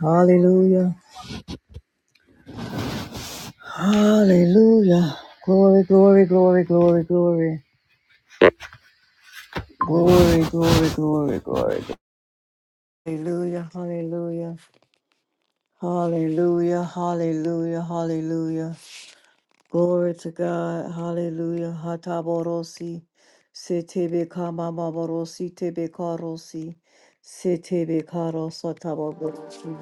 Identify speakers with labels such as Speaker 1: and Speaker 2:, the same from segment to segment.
Speaker 1: Hallelujah. Hallelujah. Glory, glory, glory, glory, glory. Glory, glory, glory, glory. Hallelujah, hallelujah. Hallelujah, hallelujah, hallelujah. Glory to God. Hallelujah. Hataborosi. Setebe kamamaborosi tebe karosi. Setebe karosa taborosi.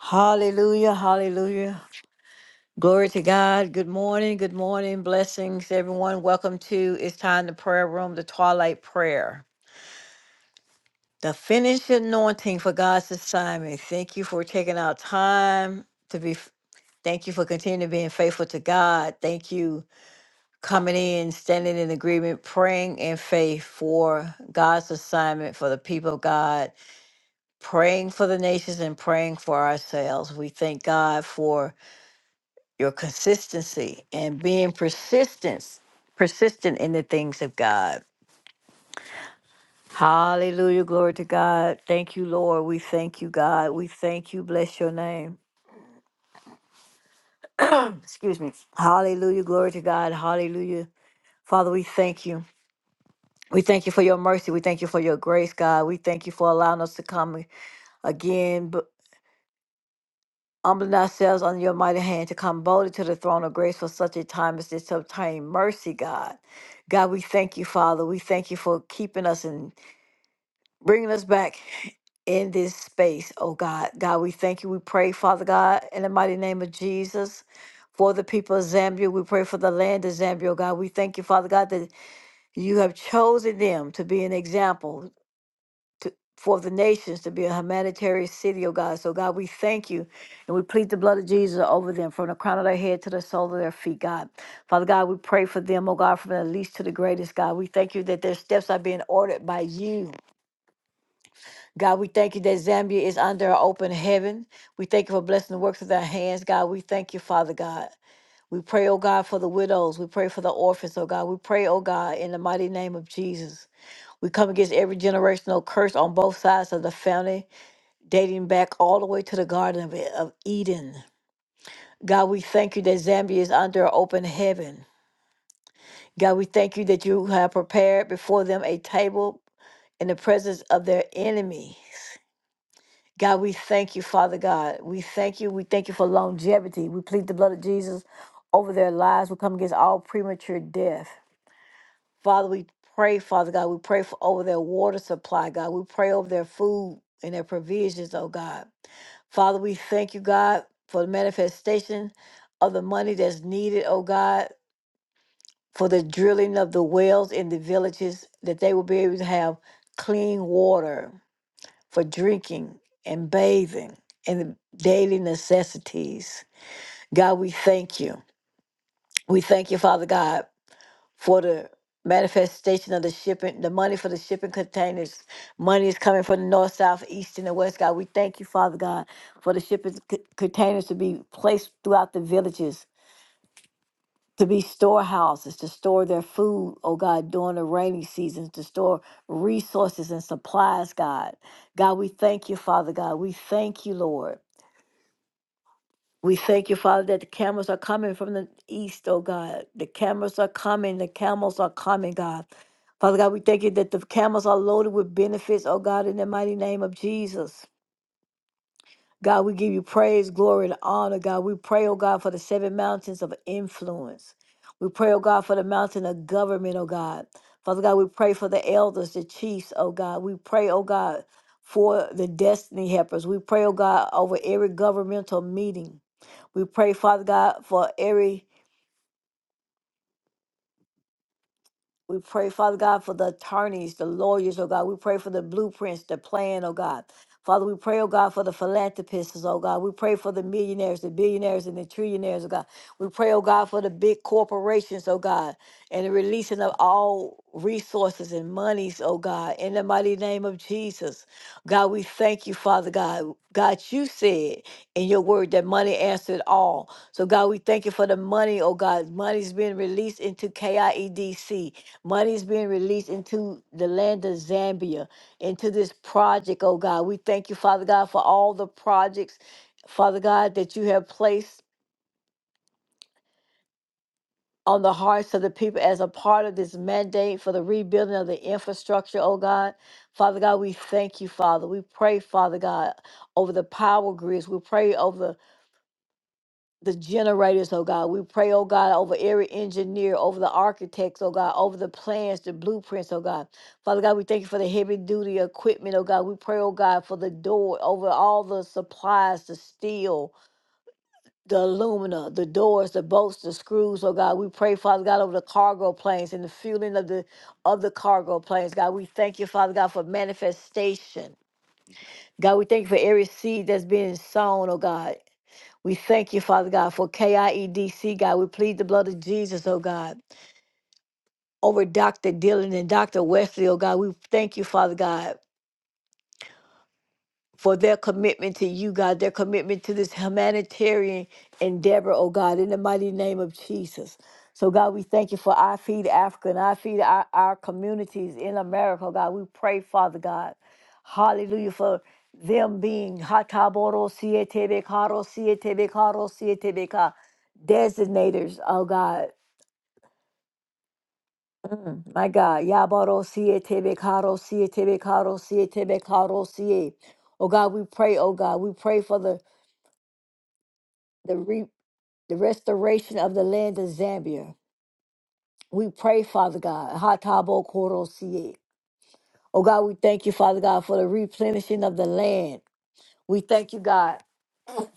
Speaker 1: Hallelujah, hallelujah, Glory to God. Good morning. Good morning. Blessings, everyone. Welcome to It's Time to Prayer Room, the Twilight Prayer. The finished anointing for God's assignment. Thank you for taking out time to be, thank you for continuing being faithful to God. Thank you coming in, standing in agreement, praying in faith for God's assignment for the people of God, praying for the nations and praying for ourselves. We thank God for your consistency and being persistent, persistent in the things of God. Hallelujah. Glory to God. Thank you, Lord. We thank you, God. We thank you. Bless your name. Excuse me. Hallelujah. Glory to God. Hallelujah. Father, we thank you. We thank you for your mercy. We thank you for your grace, God. We thank you for allowing us to come again Humbling ourselves under your mighty hand to come boldly to the throne of grace for such a time as this to obtain mercy, God. God, we thank you, Father. We thank you for keeping us and bringing us back in this space, oh God. God, we thank you. We pray, Father God, in the mighty name of Jesus. For the people of Zambia, we pray for the land of Zambia, oh God. We thank you, Father God, that you have chosen them to be an example to, for the nations to be a humanitarian city, oh God. So, God, we thank you and we plead the blood of Jesus over them from the crown of their head to the sole of their feet, God. Father God, we pray for them, oh God, from the least to the greatest, God. We thank you that their steps are being ordered by you. God, we thank you that Zambia is under an open heaven. We thank you for blessing the works of their hands, God. We thank you, Father God. We pray, oh God, for the widows. We pray for the orphans, oh God. We pray, oh God, in the mighty name of Jesus. We come against every generational curse on both sides of the family dating back all the way to the Garden of, E- of Eden. God, we thank you that Zambia is under an open heaven. God, we thank you that you have prepared before them a table in the presence of their enemies. God, we thank you, Father God. We thank you. We thank you for longevity. We plead the blood of Jesus over their lives. We come against all premature death. Father, we pray, Father God. We pray for over their water supply, God. We pray over their food and their provisions, oh God. Father, we thank you, God, for the manifestation of the money that's needed, oh God, for the drilling of the wells in the villages, that they will be able to have clean water for drinking and bathing and the daily necessities. God, we thank you. We thank you, Father God. for the manifestation of the shipping, the money for the shipping containers. Money is coming from the north, south, east, and the west, God. We thank you, Father God, for the shipping c- containers to be placed throughout the villages, to be storehouses, to store their food, oh God, during the rainy seasons, to store resources and supplies, God. God, we thank you, Father God. We thank you, Lord. We thank you, Father, that the camels are coming from the east, oh God. The camels are coming. The camels are coming, God. Father God, we thank you that the camels are loaded with benefits, oh God, in the mighty name of Jesus. God, we give you praise, glory, and honor, God. We pray, oh God, for the seven mountains of influence. We pray, oh God, for the mountain of government, oh God. Father God, we pray for the elders, the chiefs, oh God. We pray, oh God, for the destiny helpers. We pray, oh God, over every governmental meeting. We pray, Father God, for every We pray, Father God, for the attorneys, the lawyers, oh God. We pray for the blueprints, the plan, oh God. Father, we pray, oh God, for the philanthropists, oh God. We pray for the millionaires, the billionaires, and the trillionaires, oh God. We pray, oh God, for the big corporations, oh God, and the releasing of all resources and monies, oh God, in the mighty name of Jesus. God, we thank you, Father God. God, you said in your word that money answered all. So, God, we thank you for the money, oh God. Money's being released into KIEDC. Money's being released into the land of Zambia, into this project, oh God. We thank you, Father God, for all the projects, Father God, that you have placed on the hearts of the people as a part of this mandate for the rebuilding of the infrastructure, oh God. Father God, we thank you, Father. We pray, Father God, over the power grids. We pray over the generators, oh God. We pray, oh God, over every engineer, over the architects, oh God, over the plans, the blueprints, oh God. Father God, we thank you for the heavy duty equipment, oh God. We pray, oh God, for the door, over all the supplies, the steel, the alumina, the doors, the bolts, the screws, oh God. We pray, Father God, over the cargo planes and the fueling of the of the cargo planes, God. We thank you, Father God, for manifestation. God, we thank you for every seed that's being sown, oh God we thank you, Father God, for KIEDC, God. We plead the blood of Jesus, oh God, over Dr. Dillon and Dr. Wesley, oh God. We thank you, Father God. for their commitment to you, God, their commitment to this humanitarian endeavor, oh God, in the mighty name of Jesus. So, God, we thank you for I Feed Africa and I Feed our, our communities in America, God. We pray, Father God, hallelujah, for them being hataboro siete bekaro siete bekaro siete beka designators, oh God. Mm, my God, yabaro siete bekaro siete bekaro siete bekaro siete. Oh God, we pray, oh God, we pray for the the re- the restoration of the land of Zambia. We pray, Father God. Hatabo Koro Sie. Oh God, we thank you, Father God, for the replenishing of the land. We thank you, God,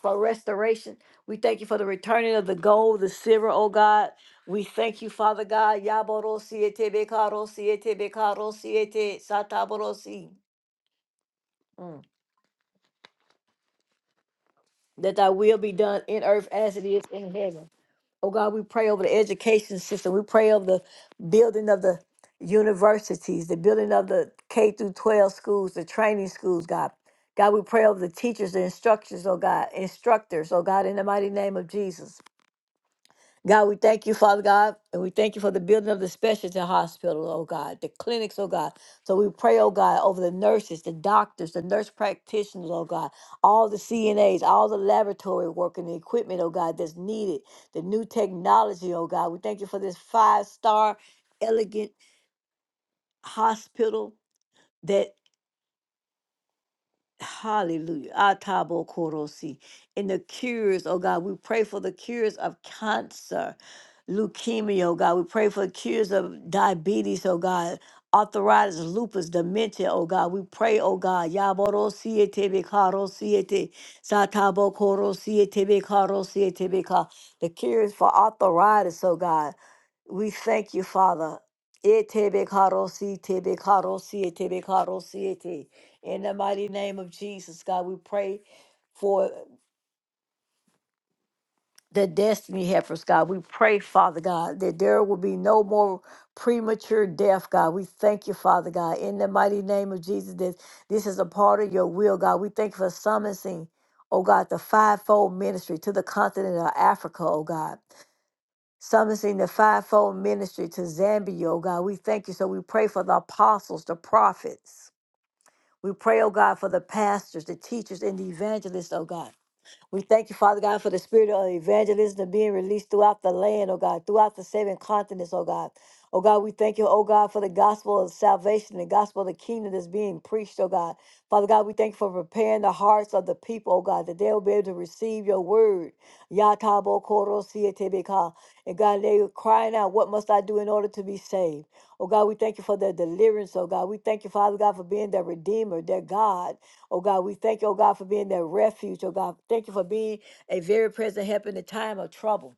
Speaker 1: for restoration. We thank you for the returning of the gold, the silver, oh God. We thank you, Father God. Yaboro siete bekaro siete bekaro siete si. Mm. That thy will be done in earth as it is in heaven. Oh God, we pray over the education system. We pray over the building of the universities, the building of the K through 12 schools, the training schools, God. God, we pray over the teachers, the instructors, oh God, instructors, oh God, in the mighty name of Jesus. God, we thank you, Father God, and we thank you for the building of the specialty hospital, oh God, the clinics, oh God. So we pray, oh God, over the nurses, the doctors, the nurse practitioners, oh God, all the CNAs, all the laboratory work and the equipment, oh God, that's needed, the new technology, oh God. We thank you for this five star, elegant hospital. that. Hallelujah. Atabo korosi. In the cures, oh God, we pray for the cures of cancer, leukemia, oh God. We pray for cures of diabetes, oh God. Arthritis, lupus, dementia, oh God. We pray, oh God. Yaborosiete bekarosiete. Satabo koro korosiete bekarosiete beka. The cures for arthritis, oh God. We thank you, Father. Etebekarosi, tebekarosi, etebekarosi, ete. In the mighty name of Jesus, God, we pray for the destiny heifers, God. We pray, Father God, that there will be no more premature death, God. We thank you, Father God, in the mighty name of Jesus, that this is a part of your will, God. We thank you for summoning, oh God, the fivefold ministry to the continent of Africa, oh God. Summoning the fivefold ministry to Zambia, oh God. We thank you. So we pray for the apostles, the prophets. We pray, oh God, for the pastors, the teachers, and the evangelists, oh God. We thank you, Father God, for the spirit of evangelism being released throughout the land, oh God, throughout the seven continents, oh God. Oh God, we thank you, oh God, for the gospel of salvation, the gospel of the kingdom that's being preached, oh God. Father God, we thank you for preparing the hearts of the people, oh God, that they'll be able to receive your word. Yatabo koro sietebeka. And God, they were crying out, What must I do in order to be saved? Oh God, we thank you for their deliverance, oh God. We thank you, Father God, for being their redeemer, their God. Oh God, we thank you, oh God, for being that refuge. Oh God, thank you for being a very present help in the time of trouble.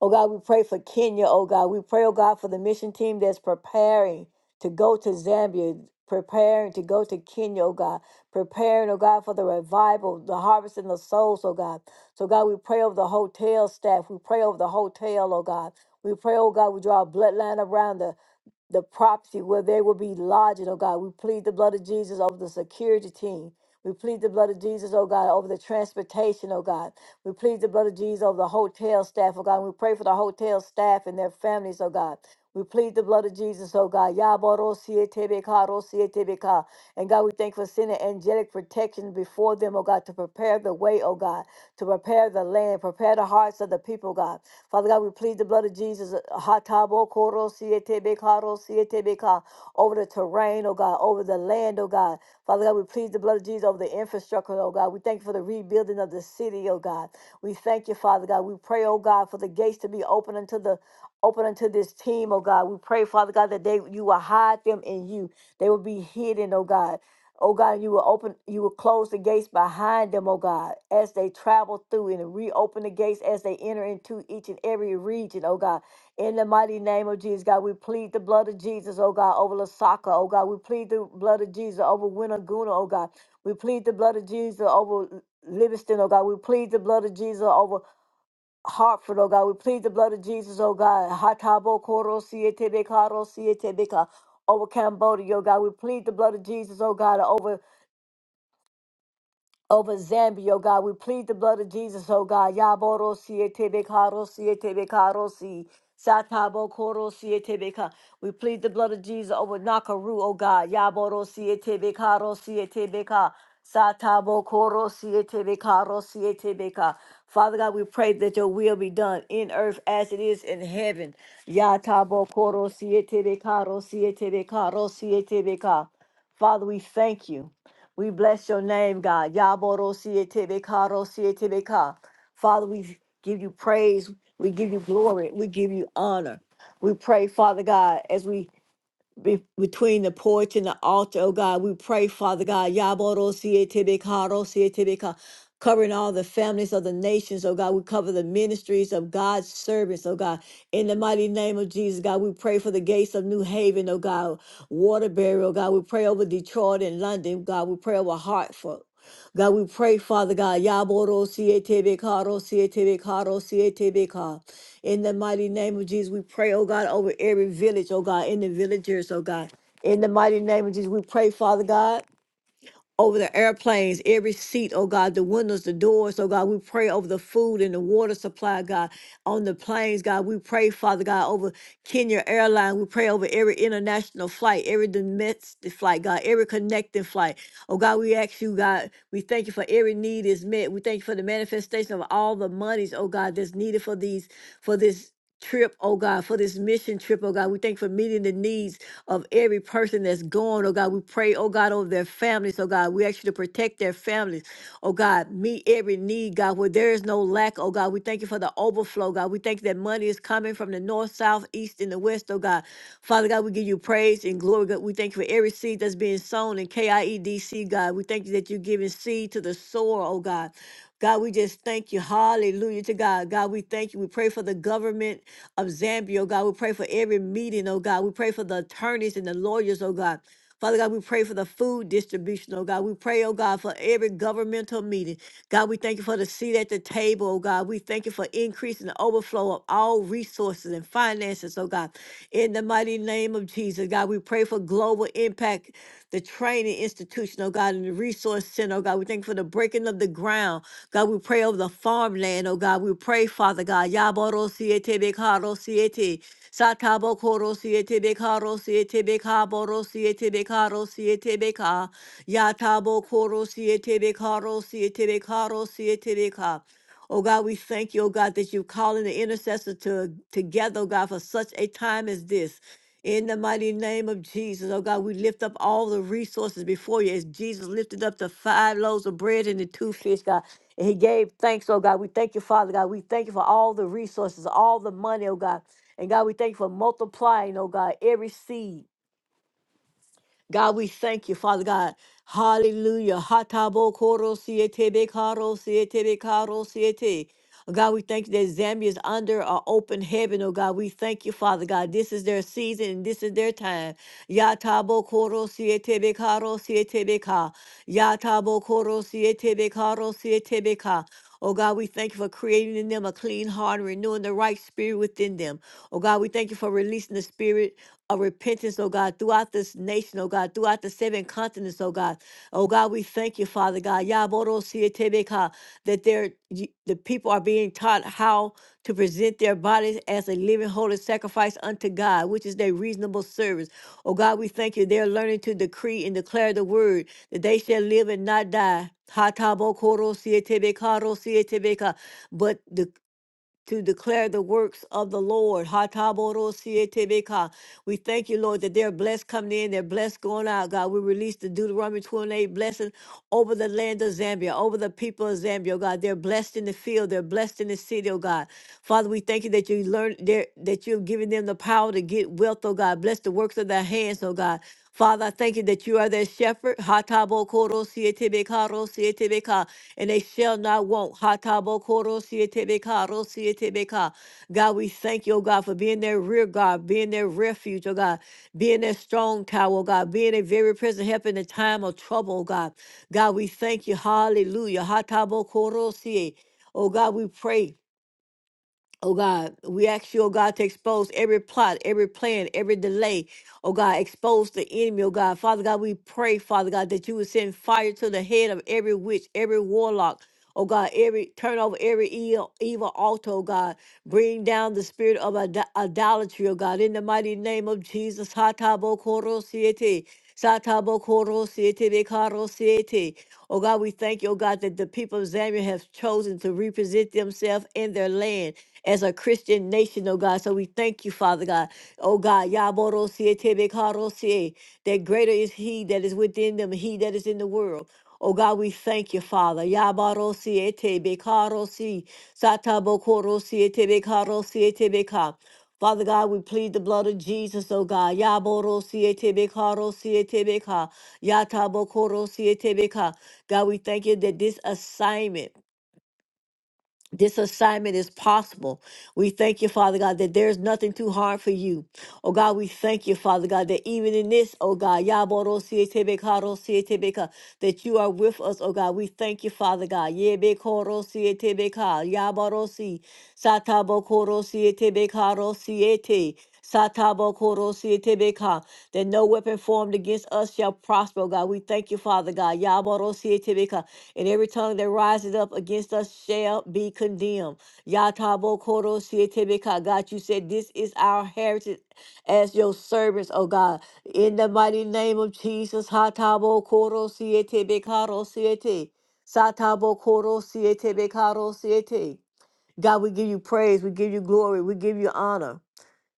Speaker 1: Oh God, we pray for Kenya. Oh God, we pray, oh God, for the mission team that's preparing to go to Zambia, preparing to go to Kenya, oh God, preparing, oh God, for the revival, the harvest and the souls, oh God. So God, we pray over the hotel staff. We pray over the hotel, oh God. We pray, oh God, we draw a bloodline around the the property where they will be lodged, oh God. We plead the blood of Jesus over the security team. We plead the blood of Jesus, oh God, over the transportation, oh God. We plead the blood of Jesus over the hotel staff, oh God. we pray for the hotel staff and their families, oh God. We plead the blood of Jesus, oh God. Yabarosietebeka, rosietebeka. And God, we thank you for sending angelic protection before them, oh God, to prepare the way, oh God to prepare the land, prepare the hearts of the people, God. Father God, we plead the blood of Jesus uh, hatabo koro siete bekaro siete beka, over the terrain, oh God, over the land, oh God. Father God, we plead the blood of Jesus over the infrastructure, oh God. We thank you for the rebuilding of the city, oh God. We thank you, Father God. We pray, oh God, for the gates to be open unto the open unto this team, oh God. We pray, Father God, that they you will hide them in you. They will be hidden, oh God. Oh God, you will open, you will close the gates behind them, oh God, as they travel through and reopen the gates as they enter into each and every region, oh God. In the mighty name of Jesus, God, we plead the blood of Jesus, oh God, over Lasaka, oh God. We plead the blood of Jesus over Winnaguna, oh God. We plead the blood of Jesus over Livingston, oh God. We plead the blood of Jesus over Hartford, oh God. We plead the blood of Jesus, oh God. Hatabo Koro Siete Bekaro Siete Beka over Cambodia, oh God. We plead the blood of Jesus, oh God, over over Zambia, oh God. We plead the blood of Jesus, oh God. Yaboro siete bekaro siete bekaro si. Satabo koro siete beka. We plead the blood of Jesus over Nakaru, oh God. Yaboro siete bekaro siete beka. Satabo koro siete bekaro siete beka. Father God, we pray that your will be done in earth as it is in heaven. Yatabo koro siete bekaro siete bekaro siete beka. Father, we thank you. We bless your name, God. Yaboro sietebeka, ro sietebeka. Father, we give you praise. We give you glory. We give you honor. We pray, Father God, as we be- between the porch and the altar, oh God. We pray, Father God, Yaboro Sietibikaro Sietibika, covering all the families of the nations, oh God. We cover the ministries of God's servants, oh God. In the mighty name of Jesus, God, we pray for the gates of New Haven, oh God, Waterbury, oh God. We pray over Detroit and London, God. We pray over Hartford. God, we pray, Father God, Yaboro Sietibikaro Sietibikaro Sietibika. In the mighty name of Jesus, we pray, oh God, over every village, oh God, in the villagers, oh God. In the mighty name of Jesus, we pray, Father God over the airplanes, every seat, oh God, the windows, the doors, oh God, we pray over the food and the water supply, God, on the planes, God, we pray, Father God, over Kenya Airline, we pray over every international flight, every domestic flight, God, every connecting flight, oh God, we ask you, God, we thank you for every need is met, we thank you for the manifestation of all the monies, oh God, that's needed for these, for this trip, oh God, for this mission trip, oh God, we thank you for meeting the needs of every person that's gone, oh God. We pray, oh God, over their families, oh God. We ask you to protect their families, oh God. Meet every need, God, where there is no lack, oh God. We thank you for the overflow, God. We thank you that money is coming from the north, south, east, and the west, oh God. Father God, we give you praise and glory, God. We thank you for every seed that's being sown in KIEDC, God. We thank you that you're giving seed to the sower, oh God. God, we just thank you. Hallelujah to God. God, we thank you. We pray for the government of Zambia, oh God. We pray for every meeting, oh God. We pray for the attorneys and the lawyers, oh God. Father God, we pray for the food distribution, oh God. We pray, oh God, for every governmental meeting. God, we thank you for the seat at the table, oh God. We thank you for increasing the overflow of all resources and finances, oh God. In the mighty name of Jesus, God, we pray for global impact, the training institution, oh God, and the resource center, oh God. We thank you for the breaking of the ground God, we pray over the farmland, oh God. We pray, Father God. Yaboro siete bekaro siete. Satabo koro siete bekaro siete bekaboro siete bekaro siete beka. Yatabo koro siete bekaro siete bekaro siete beka. Oh God, we thank you, oh God, that you're calling the intercessor to together, oh God, for such a time as this. In the mighty name of Jesus, oh God, we lift up all the resources before you as Jesus lifted up the five loaves of bread and the two fish, God. And he gave thanks, oh God. We thank you, Father God. We thank you for all the resources, all the money, oh God. And God, we thank you for multiplying, oh God, every seed. God, we thank you, Father God. Hallelujah. Hatabo koro siete be karo siete be karo siete. Oh, God, we thank you that Zambia is under our open heaven, oh God. We thank you, Father God. This is their season and this is their time. Yatabo koro siete be karo siete be ka. Yatabo koro siete be karo siete be ka. Oh God, we thank you for creating in them a clean heart and renewing the right spirit within them. Oh God, we thank you for releasing the spirit of repentance, oh God, throughout this nation, oh God, throughout the seven continents, oh God. Oh God, we thank you, Father God. Yaboro sietebeka, That they're, y- the people are being taught how to present their bodies as a living holy sacrifice unto God, which is their reasonable service. Oh God, we thank you. They're learning to decree and declare the word that they shall live and not die. Hatabokoro sietebeka, ro sietebeka, But to declare the works of the Lord. ha We thank you, Lord, that they're blessed coming in, they're blessed going out, God. We release the Deuteronomy 28 blessing over the land of Zambia, over the people of Zambia, oh God. They're blessed in the field, they're blessed in the city, oh God. Father, we thank you that you learn there that you've given them the power to get wealth, oh God. Bless the works of their hands, oh God. Father, I thank you that you are their shepherd. ha and they shall not want. Hatabokoro God, we thank you, oh God, for being their rear guard, being their refuge, oh God, being their strong tower, oh God, being a very present help in the time of trouble, oh God. God, we thank you. Hallelujah. Hatabokoro Oh God, we pray. Oh God, we ask you, oh God, to expose every plot, every plan, every delay. Oh God, expose the enemy, oh God. Father God, we pray, Father God, that you would send fire to the head of every witch, every warlock. Oh God, every turn over every evil, evil altar, oh God. Bring down the spirit of idol- idolatry, oh God. In the mighty name of Jesus. Satabo koro siete. Satabo koro siete. bekaro siete. Oh God, we thank you, oh God, that the people of Zambia have chosen to represent themselves in their land as a Christian nation, oh God. So we thank you, Father God. Oh God, Yaborosie Tebekarosie, that greater is he that is within them, he that is in the world. Oh God, we thank you, Father. Yabarosie Tebekarosie, Satabokorosie Tebekarosie Tebeka. Father God, we plead the blood of Jesus, oh God. Yaborosie Tebekarosie Tebeka, Yatabokorosie Tebeka. God, we thank you that this assignment, this assignment is possible. We thank you, Father God, that there's nothing too hard for you. Oh God, we thank you, Father God, that even in this, oh God, Yaborosietebeka, that you are with us, oh God. We thank you, Father God. Yebekorosietebeka, Yaborosi, Satabokorosietebeka, Satabokoro that no weapon formed against us shall prosper, oh God. We thank you, Father God. Yaboro and every tongue that rises up against us shall be condemned. Yatabo Koro Sietebeka. God, you said this is our heritage as your servants, oh God. In the mighty name of Jesus, Hatabo Koro Sietebekaro Siete. Satabo Koro Sietebekaro Siete. God, we give you praise, we give you glory, we give you honor.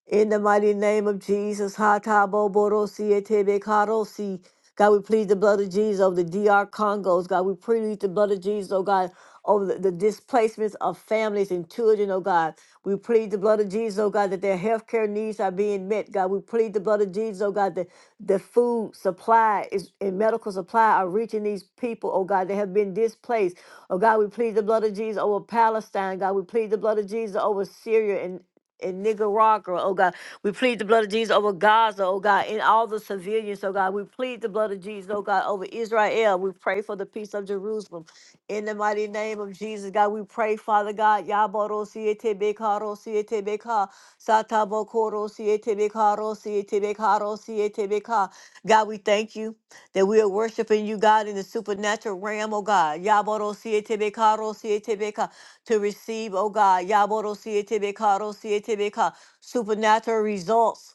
Speaker 1: In the mighty name of Jesus, Hatabo Borosi Etebe Karosi. God, we plead the blood of Jesus over the DR Congos. God, we plead the blood of Jesus, oh God, over the, the displacements of families and children, oh God. We plead the blood of Jesus, oh God, that their healthcare needs are being met. God, we plead the blood of Jesus, oh God, that the food supply is and medical supply are reaching these people, oh God, that have been displaced. Oh God, we plead the blood of Jesus over Palestine. God, we plead the blood of Jesus over Syria and in Nicaragua, oh God. We plead the blood of Jesus over Gaza, oh God, and all the civilians, oh God. We plead the blood of Jesus, oh God, over Israel. We pray for the peace of Jerusalem. In the mighty name of Jesus, God, we pray, Father God, Yaboro siete bekaro siete beka, satabo koro siete bekaro siete bekaro siete beka. God, we thank you that we are worshiping you, God, in the supernatural realm, oh God. Yaboro siete bekaro siete beka to receive, oh God, Yaboro Siete Beka, Ro Siete Beka, supernatural results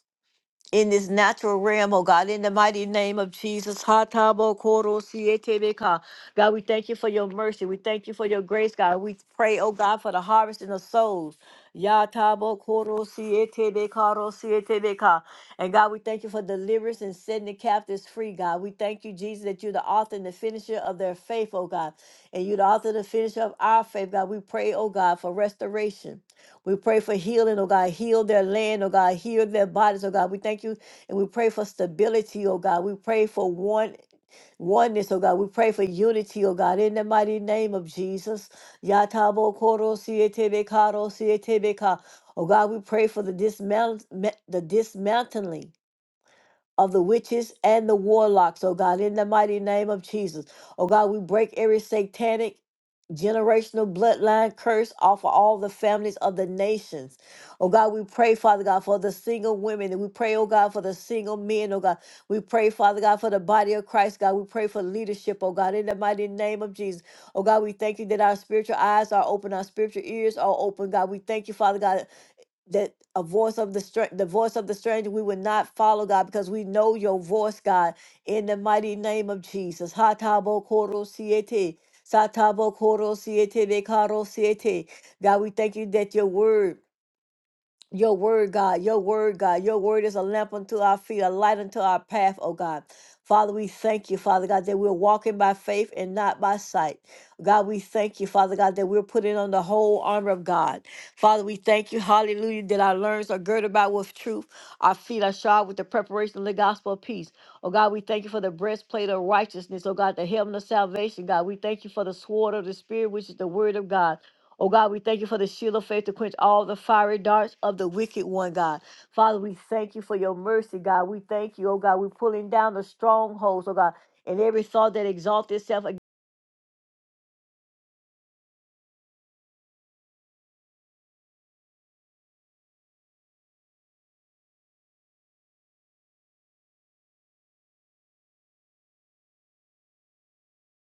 Speaker 1: in this natural realm, oh God, in the mighty name of Jesus. Sietebeka. God, we thank you for your mercy. We thank you for your grace, God. We pray, oh God, for the harvest in the souls. Sietebeka. And God, we thank you for deliverance and setting the captives free, God. We thank you, Jesus, that you're the author and the finisher of their faith, oh God. And you're the author and the finisher of our faith, God. We pray, oh God, for restoration. We pray for healing, oh God. Heal their land, oh God. Heal their bodies, oh God. We thank you and we pray for stability, oh God. We pray for one oneness, oh God. We pray for unity, oh God. In the mighty name of Jesus. Yatabo koro sietebe karo sietebe ka. Oh God, we pray for the dismount the dismantling of the witches and the warlocks, oh God, in the mighty name of Jesus. Oh God, we break every satanic generational bloodline curse off of all the families of the nations. Oh God, we pray, Father God, for the single women. And we pray, oh God, for the single men, oh God. We pray, Father God, for the body of Christ, God. We pray for leadership, oh God, in the mighty name of Jesus. Oh God, we thank you that our spiritual eyes are open, our spiritual ears are open, God. We thank you, Father God, that a voice of the stranger, the voice of the stranger, we would not follow God because we know your voice, God, in the mighty name of Jesus. Hatabo koro siete, satabo koro siete, bekaro siete. God, we thank you that your word. Your word, God, your word, God, your word is a lamp unto our feet, a light unto our path, oh God. Father, we thank you, Father God, that we're walking by faith and not by sight. God, we thank you, Father God, that we're putting on the whole armor of God. Father, we thank you, hallelujah, that our loins are girded about with truth, our feet are shod with the preparation of the gospel of peace. Oh God, we thank you for the breastplate of righteousness, oh God, the helmet of salvation, God. We thank you for the sword of the Spirit, which is the word of God. Oh God, we thank you for the shield of faith to quench all the fiery darts of the wicked one, God. Father, we thank you for your mercy, God. We thank you, oh God. We're pulling down the strongholds, oh God, and every thought that exalts itself ag-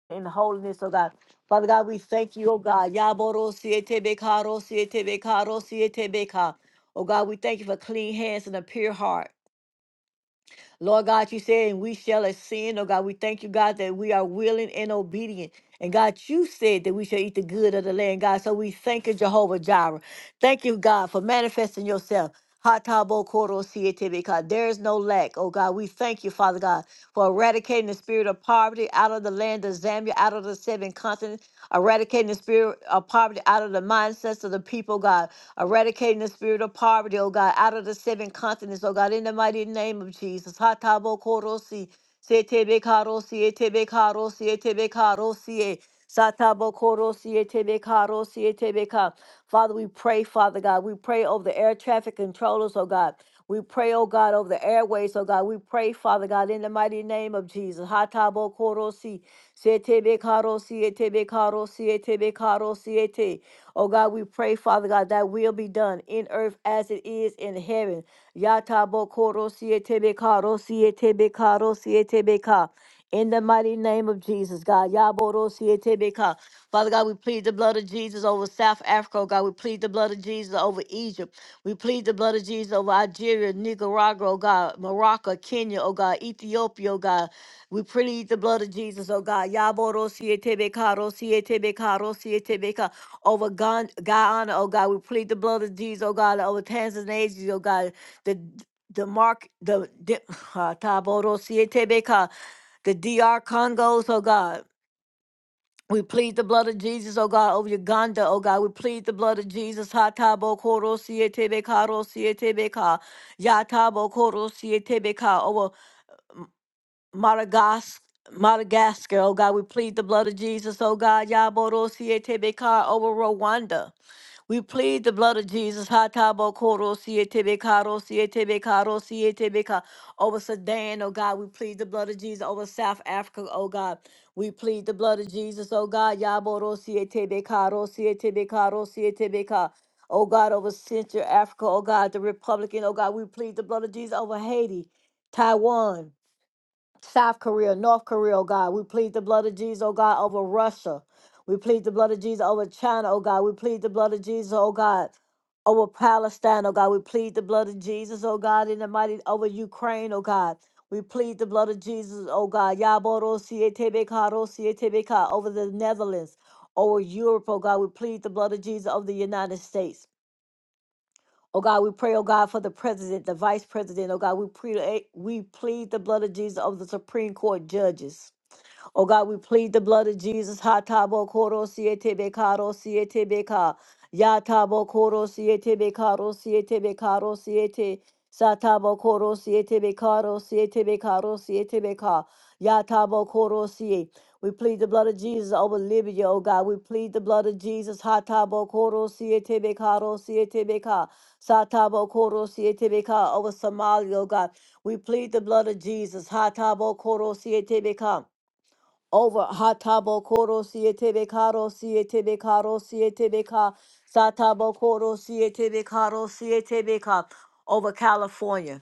Speaker 1: in holiness, oh God. Father God, we thank you, oh God. Yaboro siete bekaro siete bekaro siete beka. Oh God, we thank you for clean hands and a pure heart. Lord God, you said, and we shall ascend. Oh God, we thank you, God, that we are willing and obedient. And God, you said that we shall eat the good of the land, God. So we thank you, Jehovah Jireh. Thank you, God, for manifesting yourself. Hatabo koro sietebe, God. There is no lack, oh God. We thank you, Father God, for eradicating the spirit of poverty out of the land of Zambia, out of the seven continents, eradicating the spirit of poverty out of the mindsets of the people, God eradicating the spirit of poverty, oh God, out of the seven continents, oh God, in the mighty name of Jesus. Hatabo korosi, setebe karosi, etebe karosi, etebe karosi, satabo korosi, etebe karosi, etebe ka. Father, we pray, Father God. We pray over the air traffic controllers, oh God. We pray, oh God, over the airways, oh God. We pray, Father God, in the mighty name of Jesus. Hatabo korosi, setebe karosi, etebe karosi, etebe karosi, ete. Oh God, we pray, Father God, that will be done in earth as it is in heaven. Yatabo korosi, etebe karosi, etebe karosi, etebe ka. In the mighty name of Jesus, God. Yaborosietebeka. Father God, we plead the blood of Jesus over South Africa, oh God. We plead the blood of Jesus over Egypt. We plead the blood of Jesus over Algeria, Nicaragua, oh God, Morocco, Kenya, oh God, Ethiopia, oh God. We plead the blood of Jesus, oh God. Yaborosietebeka, rosietebeka, rosietebeka. Over Gon- Guyana, oh God. We plead the blood of Jesus, oh God, over Tanzania, oh God. The the mark the, the uh, the D.R. Congos, oh God. We plead the blood of Jesus, oh God, over Uganda, oh God. We plead the blood of Jesus. Hatabo koro sietebeka ro sietebeka. Yatabo koro sietebeka over Madagascar, Madagascar, oh God. We plead the blood of Jesus, oh God. Yaboro sietebeka over Rwanda. We plead the blood of Jesus. Hatabo koro siete bekaro siete bekaro siete beka. Over Sudan, oh God, we plead the blood of Jesus. Over South Africa, oh God, we plead the blood of Jesus, oh God. Yaboro siete bekaro siete bekaro siete beka. Oh God, over Central Africa, oh God, the Republican, oh God, we plead the blood of Jesus over Haiti, Taiwan, South Korea, North Korea, oh God. We plead the blood of Jesus, oh God, over Russia. We plead the blood of Jesus over China, oh God. We plead the blood of Jesus, oh God, over Palestine, oh God. We plead the blood of Jesus, oh God, in the mighty over Ukraine, oh God. We plead the blood of Jesus, oh God. Yaboro sietebeka, ro sietebeka, over the Netherlands, over Europe, oh God. We plead the blood of Jesus over the United States. Oh God, we pray, oh God, for the president, the vice president. Oh God, we plead, eh, we plead the blood of Jesus over the Supreme Court judges. Oh God, we plead the blood of Jesus. Hatabo koro siete bekaro siete beka. Yatabo koro siete bekaro siete bekaro siete. Satabo koro siete bekaro siete bekaro siete beka. Yatabo koro siete. We plead the blood of Jesus over Libya, oh God. We plead the blood of Jesus. Hatabo koro siete bekaro siete beka. Satabo koro siete beka over Somalia, oh God. We plead the blood of Jesus. Hatabo koro siete beka over hatabo koro siete de caro siete de caro siete de ca satabo koro siete de caro siete de ca over California.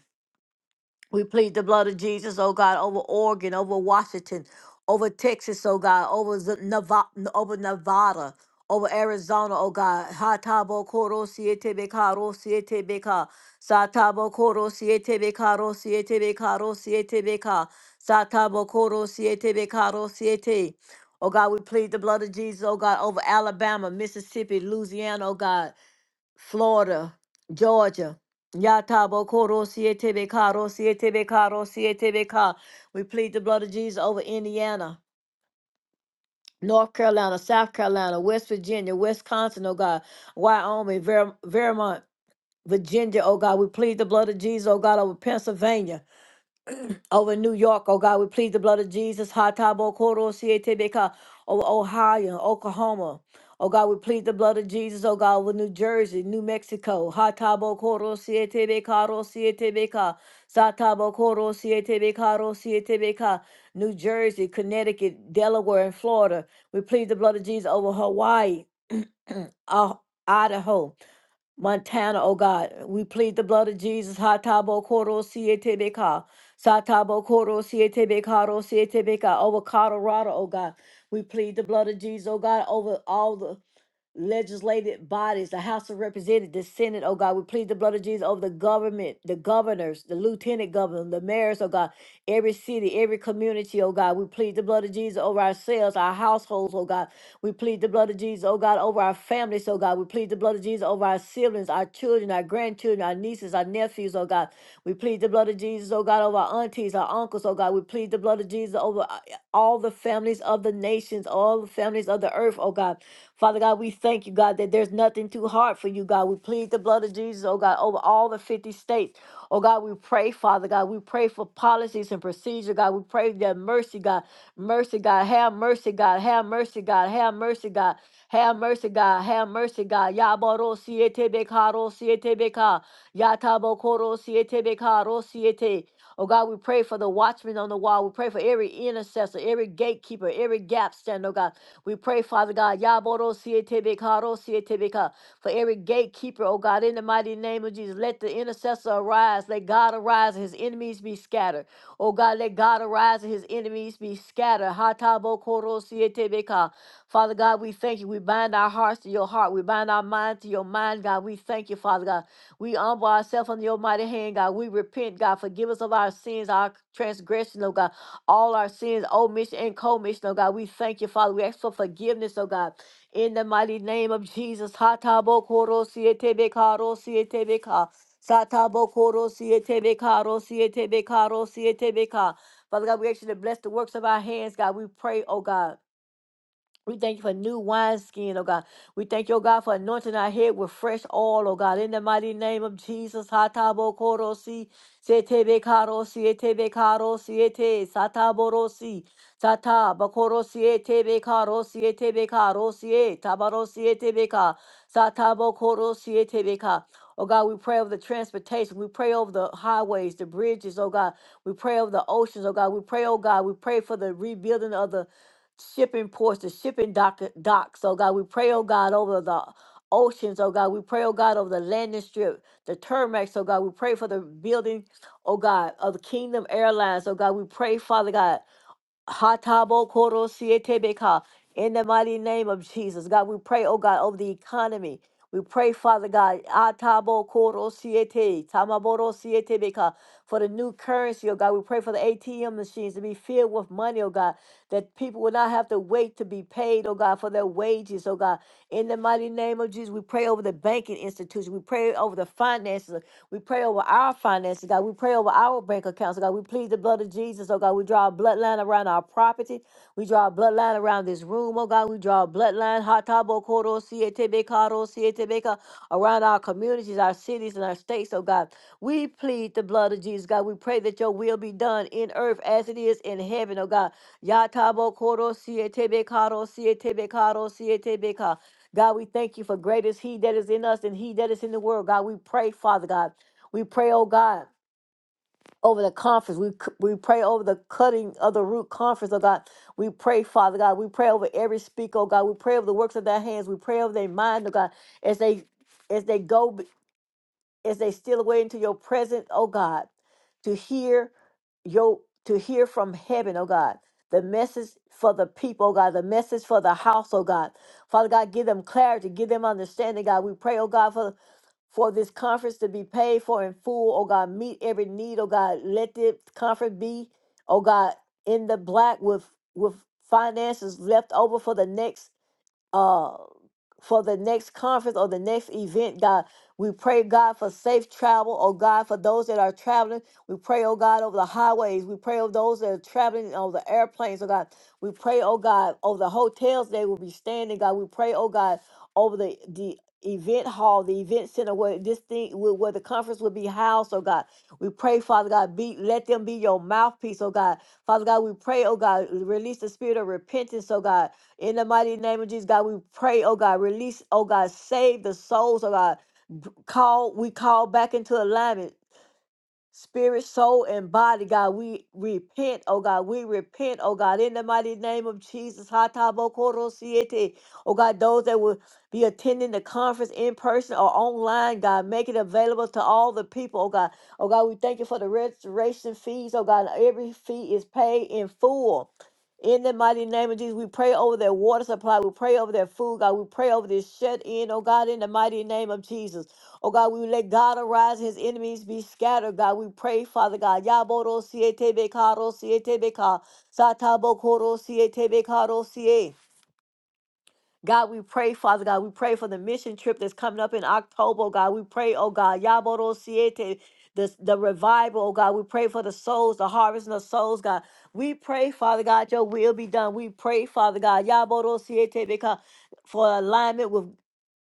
Speaker 1: We plead the blood of Jesus, oh God, over Oregon, over Washington, over Texas, oh God, over the Nevada, over Nevada, over Arizona, oh God. Hatabo koro siete bekaro siete beka. Satabo koro siete bekaro siete bekaro siete beka. Satabo koro siete bekaro siete. Oh God, we plead the blood of Jesus, oh God, over Alabama, Mississippi, Louisiana, oh God. Florida, Georgia. Yatabo Koro Siete Bekaro Siete Bekaro Siete Beka. We plead the blood of Jesus over Indiana. North Carolina, South Carolina, West Virginia, Wisconsin, oh God, Wyoming, Ver- Vermont, Virginia, oh God. We plead the blood of Jesus, oh God, over Pennsylvania over in New York, oh God, we plead the blood of Jesus. Hatabo Koro Sietebeka over Ohio, Oklahoma. Oh God, we plead the blood of Jesus, oh God, over New Jersey, New Mexico. Hatabo Koro Sietebeka Ro Sietebeka. Satabo Koro Sietebeka Ro Sietebeka. New Jersey, Connecticut, Delaware, and Florida. We plead the blood of Jesus over Hawaii, Ah- Idaho. Montana, oh God. We plead the blood of Jesus. Hatabo Koro Sietebeka. Satabo Koro Sietebeka Ro Sietebeka. Over Colorado, oh God. We plead the blood of Jesus, oh God, over all the legislative bodies, the House of Representatives, the Senate, oh God, we plead the blood of Jesus over the government, the governors, the lieutenant governor, the mayors, oh God, every city, every community, oh God. We plead the blood of Jesus over ourselves, our households, oh God. We plead the blood of Jesus, oh God, over our families, oh God. We plead the blood of Jesus over our siblings, our children, our grandchildren, our nieces, our nephews, oh God. We plead the blood of Jesus, oh God, over our aunties, our uncles, oh God. We plead the blood of Jesus over uh, all the families of the nations, all the families of the earth, oh God. Father God, we thank you, God, that there's nothing too hard for you, God. We plead the blood of Jesus, oh God, over all the 50 states. Oh God, we pray, Father God, we pray for policies and procedure, God. We pray that mercy, God, mercy, God, have mercy, God, have mercy, God, have mercy, God, have mercy, God, have mercy, God. Yabaro siete bekaro siete beka, yatabo koro siete bekaro siete. Oh God, we pray for the watchmen on the wall. We pray for every intercessor, every gatekeeper, every gap stand, oh God. We pray, Father God, Yaboro Sietebekaro Sietebeka, for every gatekeeper, oh God, in the mighty name of Jesus. Let the intercessor arise. Let God arise and his enemies be scattered. Oh God, let God arise and his enemies be scattered. Hatabo Koro Sietebeka. Father God, we thank you. We bind our hearts to your heart. We bind our mind to your mind, God. We thank you, Father God. We humble ourselves under your mighty hand, God. We repent, God. Forgive us of our sins, our transgression, oh God all our sins, omission and commission, oh God. We thank you, Father. We ask for forgiveness, oh God. In the mighty name of Jesus. Hatabokoro sietebeka ro sietebeka. Satabokoro sietebekaro sietebekaro sietebeka. ro sietebeka. Father God, we ask you to bless the works of our hands, God. We pray, oh God. We thank you for new wineskin, oh God. We thank you, oh God, for anointing our head with fresh oil, oh God. In the mighty name of Jesus, Hatabo Korosi, Setebe Karosi, Etebe Karosi, Ete, Sataborosi, Sata Bakorosi, Etebe Karosi, Etebe Karosi, E, Tabarosi, Etebe Ka, Satabo Korosi, Etebe Ka. Oh God, we pray over the transportation. We pray over the highways, the bridges, oh God. We pray over the oceans, oh God. We pray, oh God. We pray for the rebuilding of the shipping ports, the shipping dock, docks. Oh God, we pray, oh God, over the oceans, oh God. We pray, oh God, over the landing strip, the termex, oh God. We pray for the building, oh God, of Kingdom Airlines, oh God. We pray, Father God. Hatabo Koro Sietebeka. In the mighty name of Jesus, God, we pray, oh God, over the economy. We pray, Father God, Atabo Koro Siete, Tamaboro Sietebeka for the new currency, oh God. We pray for the ATM machines to be filled with money, oh God, that people will not have to wait to be paid, oh God, for their wages, oh God. In the mighty name of Jesus, we pray over the banking institution. We pray over the finances. We pray over our finances, God. We pray over our bank accounts, oh God. We plead the blood of Jesus, oh God. We draw a bloodline around our property. We draw a bloodline around this room, oh God oh God, we draw a bloodline, Hatabo Koro Sietebe Karo Sietebeka, around our communities, our cities, and our states, oh God. We plead the blood of Jesus, God. We pray that your will be done in earth as it is in heaven, oh God. Yatabo Koro Sietebe Karo Sietebe Karo Sietebeka. God, we thank you for great is he that is in us and he that is in the world. God, we pray, Father God. We pray, oh God over the conference. We c- we pray over the cutting of the root conference, oh God. We pray, Father God. We pray over every speaker, oh God. We pray over the works of their hands. We pray over their mind, oh God, as they as they go b- as they steal away into your presence, oh God, to hear your to hear from heaven, oh God. The message for the people, oh God, the message for the house, oh God. Father God, give them clarity, give them understanding, God. We pray, oh God, for for this conference to be paid for in full. Oh God, meet every need. Oh God, let the conference be, oh God, in the black with with finances left over for the next uh for the next conference or the next event, God. We pray, God, for safe travel, oh God, for those that are traveling. We pray, oh God, over the highways. We pray over those that are traveling on the airplanes, oh God. We pray, oh God, over the hotels they will be standing, God. We pray, oh God, over the the event hall, the event center where this thing where, where the conference will be housed, oh God. We pray, Father God, be let them be your mouthpiece, oh God. Father God, we pray, oh God, release the spirit of repentance, oh God. In the mighty name of Jesus, God, we pray, oh God, release, oh God, save the souls, oh God. B- Call, we call back into alignment spirit, soul, and body, God. We repent, oh God. We repent, oh God, in the mighty name of Jesus. Hatabokorosiete. Oh God, those that will be attending the conference in person or online, God, make it available to all the people, oh God. Oh God, we thank you for the restoration fees, oh God. Every fee is paid in full. In the mighty name of Jesus, we pray over their water supply. We pray over their food, God. We pray over this shut in, oh God, in the mighty name of Jesus. Oh God, we let God arise, his enemies be scattered. God, we pray, Father God. Yaboro siete bekaro siete beka. Satabo koro siete bekaro siete. God, we pray, Father God. We pray for the mission trip that's coming up in October. oh God, we pray, oh God. Yaboro siete. The, the revival, oh God, we pray for the souls, the harvest of souls, God. We pray, Father God, your will be done. We pray, Father God, Yaboro siete beka, for alignment with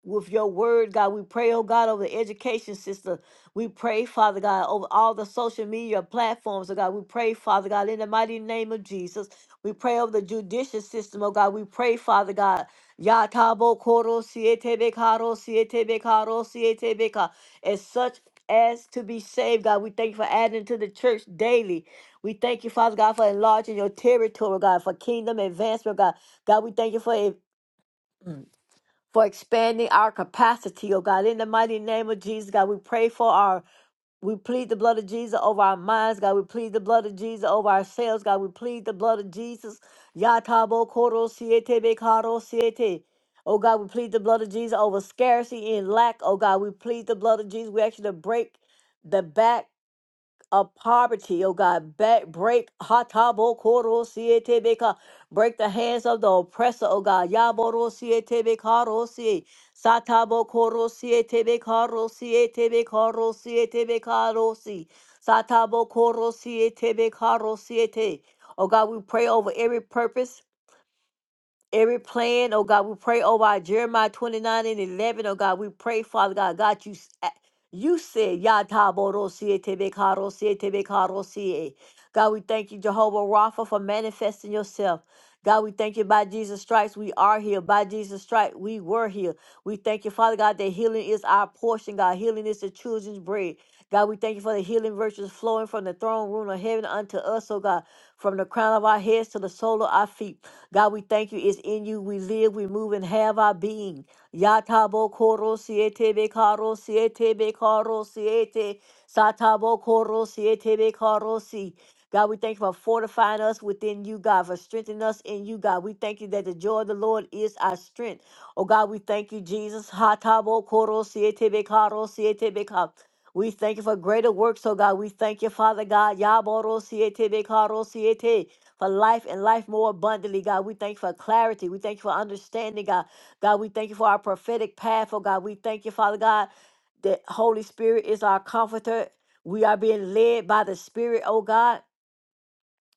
Speaker 1: with your word, God. We pray, oh God, over the education system. We pray, Father God, over all the social media platforms, oh God. We pray, Father God, in the mighty name of Jesus. We pray over the judicial system, oh God. We pray, Father God. Yatabo koro siete bekaro siete bekaro siete beka. As such as to be saved, God. We thank you for adding to the church daily. We thank you, Father God, for enlarging your territory, God, for kingdom advancement, God. God, we thank you for it for expanding our capacity, oh God. In the mighty name of Jesus, God, we pray for our, we plead the blood of Jesus over our minds, God. We plead the blood of Jesus over ourselves, God. We plead the blood of Jesus. Yatabo koro siete bekaro siete. Oh God, we plead the blood of Jesus over scarcity and lack. Oh God, we plead the blood of Jesus. We actually break the back of poverty, oh God. Ba- Break hatabo koro siete beka. Break the hands of the oppressor, oh God. Yaboro siete bekaro si. Satabo koro siete bekaro siete bekaro siete bekaro si. Satabo koro siete bekaro siete. Oh God, we pray over every purpose. Every plan, oh God, we pray over our Jeremiah 29 and 11, oh God, we pray, Father God, God, you, s- a- you said, Yatabosie Tebekarosie Tebekarosie. God, we thank you, Jehovah Rapha, for manifesting yourself. God, we thank you by Jesus' stripes, we are here. By Jesus' stripes, we were here. We thank you, Father God, that healing is our portion, God. Healing is the children's bread. God, we thank you for the healing virtues flowing from the throne room of heaven unto us, oh God, from the crown of our heads to the sole of our feet. God, we thank you. It's in you we live, we move, and have our being. Yatabo koro siete be karo siete be karo siete. Satabo koro siete be karo si. God, we thank you for fortifying us within you, God, for strengthening us in you, God. We thank you that the joy of the Lord is our strength. Oh, God, we thank you, Jesus. Hatabo koro siete be karo siete be karo. We thank you for greater works, oh God. We thank you, Father God. Yaboro siete be karo siete for life and life more abundantly, God. We thank you for clarity. We thank you for understanding, God. God, we thank you for our prophetic path, oh God. We thank you, Father God, that Holy Spirit is our comforter. We are being led by the Spirit, oh God.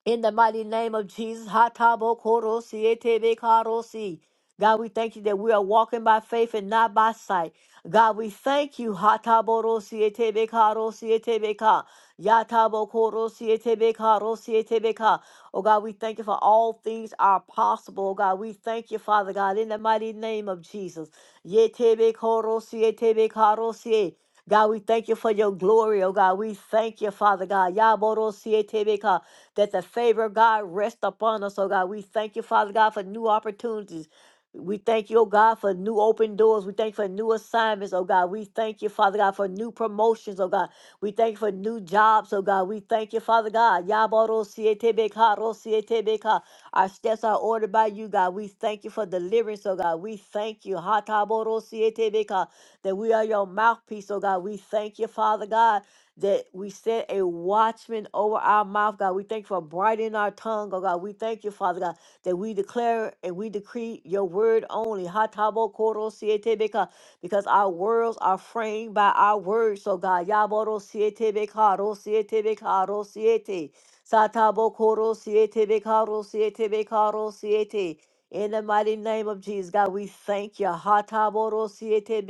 Speaker 1: In the mighty name of Jesus, Hatabo Koro Sietebe Karo Si. God, we thank you that we are walking by faith and not by sight. God, we thank you. Hataboro Sietebe Karo Sietebe Ka. Yatabo Koro Sietebe Karo Sietebe Ka. Oh God, we thank you for all things are possible. Oh God, we thank you, Father God, in the mighty name of Jesus. Yetebe Koro Sietebe Karo God, we thank you for your glory, oh God. We thank you, Father God. Yaboro Sietebe that the favor of God rest upon us, oh God. We thank you, Father God, for new opportunities. We thank you, oh God, for new open doors. We thank you for new assignments, oh God. We thank you, Father God, for new promotions, oh God. We thank you for new jobs, oh God. We thank you, Father God. Yaboro sietebeka, ro sietebeka. Our steps are ordered by you, God. We thank you for deliverance, oh God. We thank you. Hataboro sietebeka, That we are your mouthpiece, oh God. We thank you, Father God that we set a watchman over our mouth, God. We thank you for brightening our tongue, oh God. We thank you, Father God, that we declare and we decree your word only. Hatabo koro siete Because our worlds are framed by our words, so God. Yaboro sietebeka, ro sietebeka, ro siete. Satabo koro siete ro sietebeka, ro siete. In the mighty name of Jesus, God, we thank you. Hatabo ro sietebeka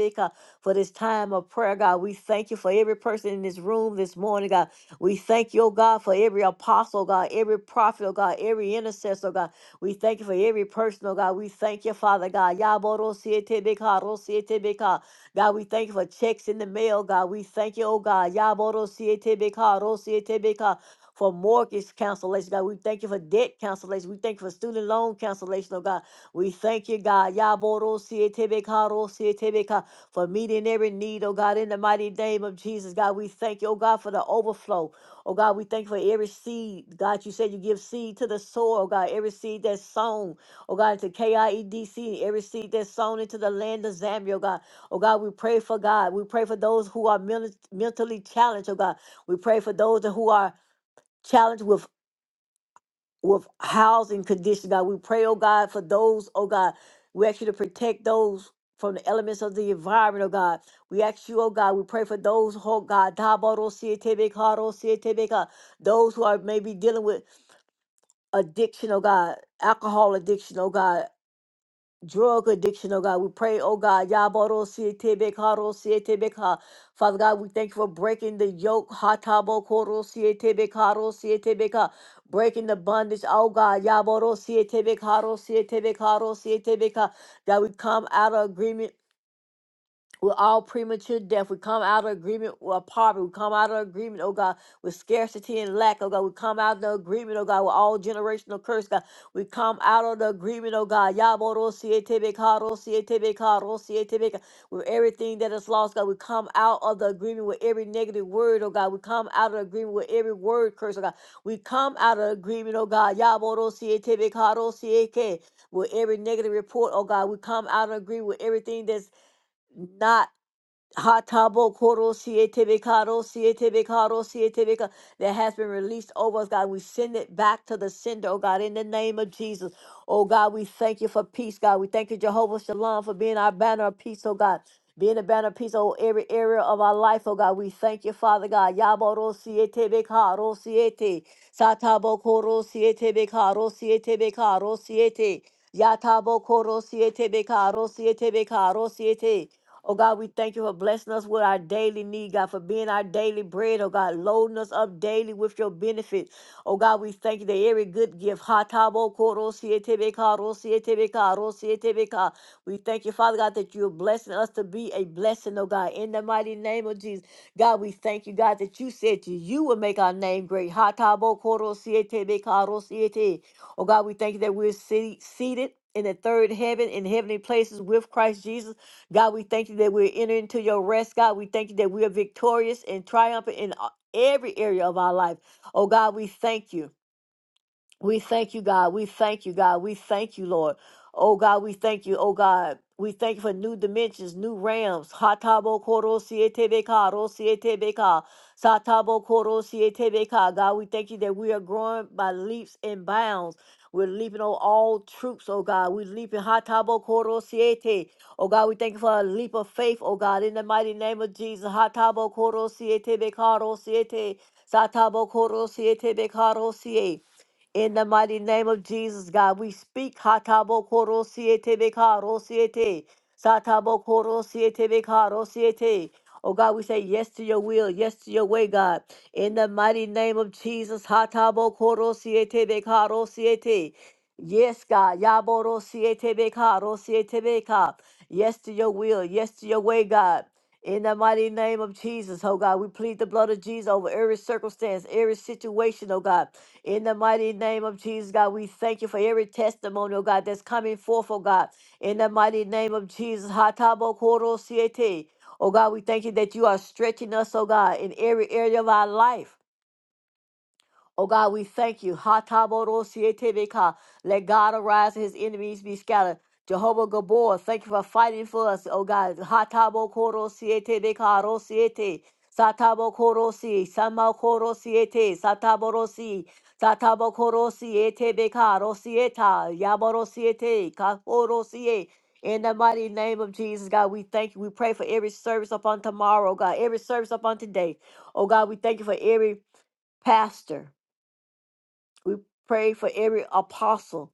Speaker 1: for this time of prayer, God. We thank you for every person in this room this morning, God. We thank you, oh God, for every apostle, God, every prophet, oh God, every intercessor, God. We thank you for every person, oh God. We thank you, Father God. Yaborosietebeka, rosietebeka. God, we thank you for checks in the mail, God. We thank you, oh God. Yaborosietebeka, rosietebeka, For mortgage cancellation, God. We thank you for debt cancellation. We thank you for student loan cancellation, oh God. We thank you, God. Yaborosietebeka, rosietebeka for meeting every need, oh God, in the mighty name of Jesus. God, we thank you, oh God, for the overflow. Oh God, we thank you for every seed. God, you said you give seed to the soil, oh God, every seed that's sown, oh God, into KIEDC, every seed that's sown into the land of Zambia, oh God. Oh God, we pray for God. We pray for those who are men- mentally challenged, oh God. We pray for those who are challenged with with housing conditions, God. We pray, oh God, for those, oh God. We ask you to protect those from the elements of the environment, oh God. We ask you, oh God, we pray for those, oh God, Dabaro sietebe karo sietebe ka, those who are maybe dealing with addiction, oh God, alcohol addiction, oh God drug addiction, oh God. We pray, oh God, Yaboro Sietebekaro Sietebeka. Father God, we thank you for breaking the yoke, Hatabo Koro Sietebekaro Sietebeka. Breaking the bondage, oh God, Yaboro Sietebekaro Sietebekaro Sietebeka. That we come out of agreement with all premature death. We come out of agreement with poverty. We come out of agreement, oh God, with scarcity and lack, oh God. We come out of the agreement, oh God, with all generational curse, God. We come out of the agreement, oh God. Yaborosietebeka, With everything that is lost, God. We come out of the agreement with every negative word, oh God. We come out of the agreement with every word curse, oh God. We come out of agreement, oh God. Yaborosietebeka, With every negative report, oh God. We come out of agreement with everything that's not Hatabo koro siete bekaro siete bekaro siete beka that has been released over us, God. We send it back to the sender, oh God, in the name of Jesus. Oh God, we thank you for peace, God. We thank you, Jehovah Shalom, for being our banner of peace, oh God. Being a banner of peace over every area of our life, oh God. We thank you, Father God. Yaboro siete bekaro siete. Satabo koro siete bekaro siete bekaro siete. Yatabo koro siete bekaro siete bekaro siete. Oh God, we thank you for blessing us with our daily need, God, for being our daily bread. Oh God, loading us up daily with your benefit. Oh God, we thank you that every good gift. ha ta bo ko ro si e te be ka, ro si e te be ka, ro si e te be ka. We thank you, Father God, that you're blessing us to be a blessing, oh God, in the mighty name of Jesus. God, we thank you, God, that you said you, you will make our name great. ha ta bo ko ro si e te be ka, ro si e te. Oh God, we thank you that we're se- seated in the third heaven in heavenly places with Christ Jesus. God, we thank you that we're entering into your rest. God, we thank you that we are victorious and triumphant in a- every area of our life. Oh, God, we thank you. We thank you, God. We thank you, God. We thank you, Lord. Oh, God, we thank you. Oh, God, we thank you for new dimensions, new realms. Hatabo koro sietebeka, ro sietebeka, satabo koro sietebeka. God, we thank you that we are growing by leaps and bounds. We're leaping on all troops, oh God. We're leaping hatabo koro siete. Oh God, we thank you for a leap of faith, oh God, in the mighty name of Jesus. Hatabo koro sietebeka, ro siete, satabo koro sietebeka, ro siete. In the mighty name of Jesus, God, we speak. Hatabokorosietebeka-rosiete, Satabokorosietebeka-rosiete. Oh God, we say yes to your will, yes to your way, God. In the mighty name of Jesus, hatabokorosietebeka-rosiete. yes, God. yaboro yaborosietebeka-rosietebeka. Yes to your will, yes to your way, God. In the mighty name of Jesus, oh God, we plead the blood of Jesus over every circumstance, every situation, oh God. In the mighty name of Jesus, God, we thank you for every testimony, oh God, that's coming forth, oh God. In the mighty name of Jesus, Hatabokoro Siete. Oh God, we thank you that you are stretching us, oh God, in every area of our life. Oh God, we thank you. Ha-ta-bo-ro-si-e-te-be-ka. Let God arise and his enemies be scattered. Jehovah Gabor, thank you for fighting for us, oh God. Ha-ta-bo-ko-ro-si-e-te-be-ka, ro-si-e-te. Satabo-ko-ro-si, sama-ko-ro-si-e-te, satabo-ro-si, satabo-ko-ro-si-e-te-be-ka, ro-si-e-ta, yabo-ro-si-e-te, ka-ko-ro-si-e. In the mighty name of Jesus, God, we thank you. We pray for every service upon tomorrow, God, every service upon today. Oh God, we thank you for every pastor. We pray for every apostle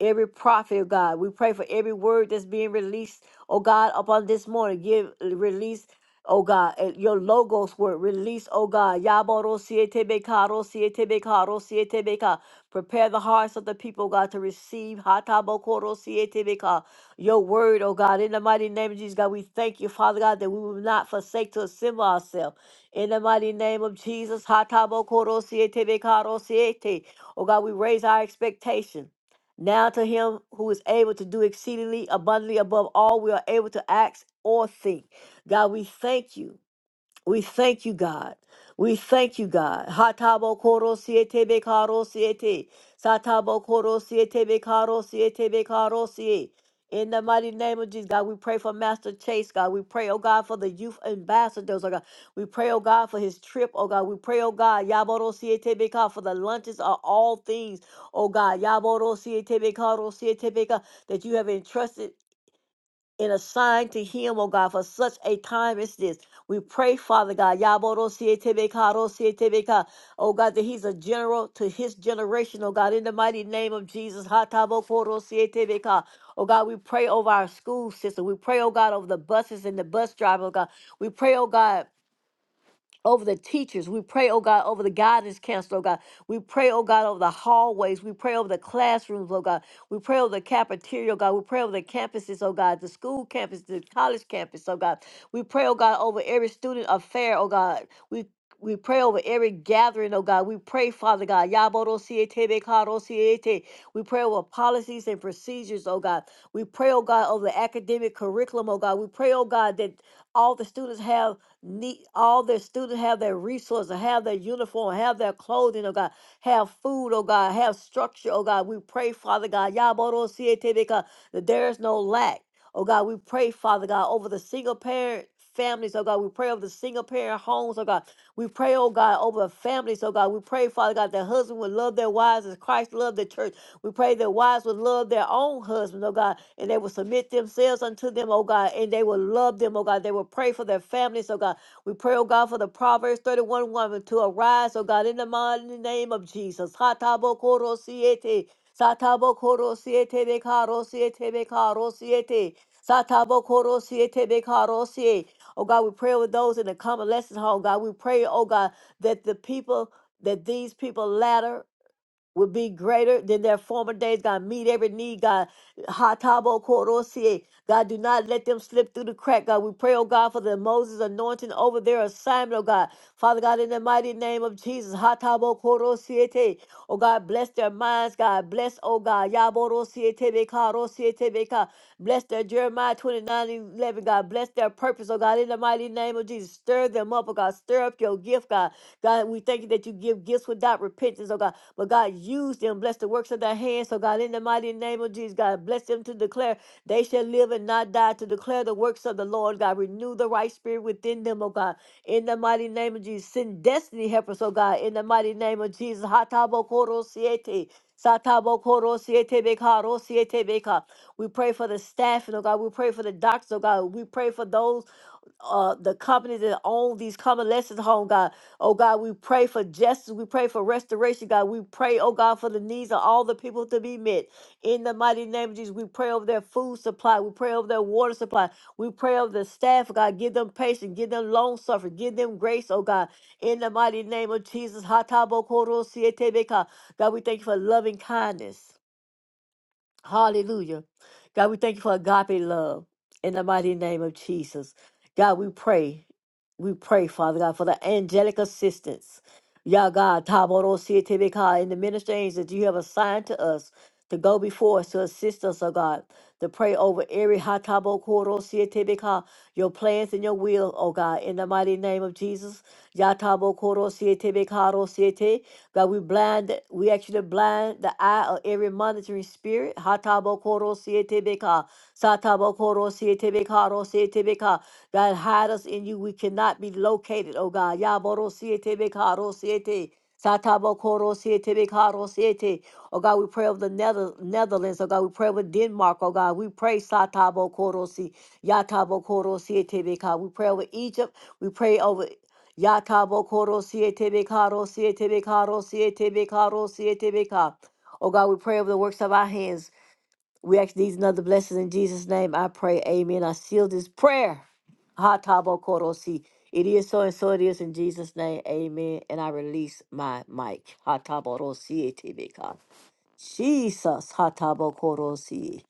Speaker 1: every prophet, oh God. We pray for every word that's being released, oh God, upon this morning. Give release, oh God, and your logos word. Release, oh God. Yaboro sietebeka, ro sietebeka, ro sietebeka. Prepare the hearts of the people, oh God, to receive hatabokoro sietebeka, your word, oh God. In the mighty name of Jesus, God, we thank you, Father God, that we will not forsake to assemble ourselves. In the mighty name of Jesus, hatabokoro sietebeka, ro siete. oh God, we raise our expectation. Now to him who is able to do exceedingly abundantly above all we are able to ask or think. God, we thank you we thank you, God. We thank you, God. Hatabo koro siete be karo siete. Satabo koro siete be karo siete be karo siete. In the mighty name of Jesus, God, we pray for Master Chase, God. We pray, oh God, for the youth ambassadors, oh God. We pray, oh God, for his trip, oh God. We pray, oh God, Yaboro siete be ka, for the lunches are all things, oh God. Yaboro siete be karo siete be ka, that you have entrusted and a sign to him, oh God, for such a time as this. We pray, Father God, Yaborosietebeka, Rosietebeka, oh God, that he's a general to his generation, oh God, in the mighty name of Jesus. Hatabokorosietebeka. Oh God, we pray over our school system. We pray, oh God, over the buses and the bus driver, oh God. We pray, oh God over the teachers. We pray, oh God, over the guidance counselor, oh God. We pray, oh God, over the hallways. We pray over the classrooms, oh God. We pray over the cafeteria, oh God. We pray over the campuses, oh God, the school campus, the college campus, oh God. We pray, oh God, over every student affair, oh God. We we pray over every gathering, oh God. We pray, Father God. Yaborosietebekaorosiete. We pray over policies and procedures, oh God. We pray, oh God, over the academic curriculum, oh God. We pray, oh God, that all the students have need all their students have their resources, have their uniform, have their clothing, oh God, have food, oh God, have structure, oh God. We pray, Father God, Yaboro God, that there is no lack. Oh God, we pray, Father God, over the single parent families, oh God. We pray over the single parent homes, oh God. We pray, oh God, over the families, oh God. We pray, Father God, that husband would love their wives as Christ loved the church. We pray that wives would love their own husbands, oh God, and they will submit themselves unto them, oh God, and they will love them, oh God. They will pray for their families, oh God. We pray, oh God, for the Proverbs 31 woman to arise, oh God, in the mighty name of Jesus. Hatabokoro-siete, satabokoro-siete, bekaro-siete, bekaro-siete, satabokoro-siete, bekaro-siete. Oh God, we pray with those in the convalescent home, God. We pray, oh God, that the people, that these people ladder would be greater than their former days. God, meet every need. God, hatabo korosie. God, do not let them slip through the crack. God, we pray, oh God, for the Moses anointing over their assignment, oh God. Father God, in the mighty name of Jesus, hatabo korosiete. Oh God, bless their minds, God. Bless, oh God, yaborosiete beka, rosiete beka. Bless their Jeremiah 29 11. God. Bless their purpose, oh God, in the mighty name of Jesus. Stir them up, oh God. Stir up your gift, God. God, we thank you that you give gifts without repentance, oh God. But God, use them. Bless the works of thy hands. So, God, in the mighty name of Jesus, God, bless them to declare they shall live and not die to declare the works of the Lord. God, renew the right spirit within them, oh God. In the mighty name of Jesus, send destiny helpers, oh God. In the mighty name of Jesus, Hatabokoro siete. Satabokoro siete bekaro siete beka. We pray for the staff, and oh God. We pray for the doctors, oh God. We pray for those uh, the companies that own these convalescent home, God. Oh God, we pray for justice. We pray for restoration, God. We pray, oh God, for the needs of all the people to be met. In the mighty name of Jesus, we pray over their food supply. We pray over their water supply. We pray over the staff, God. Give them patience. Give them long suffering. Give them grace, oh God. In the mighty name of Jesus. Hatabokoro sietebeka. God, we thank you for loving kindness. Hallelujah. God, we thank you for agape love in the mighty name of Jesus. God, we pray. We pray, Father God, for the angelic assistance. Yah God, Taboro Sietebeka, in the ministry angels that you have assigned to us to go before us to assist us, oh God to pray over every hatabo koro sietebeka, your plans and your will, oh God, in the mighty name of Jesus. Yatabo koro sietebeka ro siete. God, we blind, we actually blind the eye of every monitoring spirit. Hatabo koro sietebeka, satabo koro sietebeka ro sietebeka. God, hide us in you. We cannot be located, oh God. Yaboro sietebeka ro siete. Satabo Koro Siete Bekaro Siete. Oh God, we pray over the Nether- Netherlands. Oh God, we pray over Denmark. Oh God, we pray Satabo Koro Si Yatabo Koro Siete Beka. We pray over Egypt. We pray over Yatabo Koro Siete Bekaro Siete Bekaro Siete Bekaro Siete Beka. Oh God, we pray over the works of our hands. We ask these and other blessings in Jesus' name. I pray. Amen. I seal this prayer. Ha tabo korosi. It is so and so it is in Jesus' name. Amen. And I release my mic. Ha tabo rosi etibika. Jesus. Ha tabo korosi.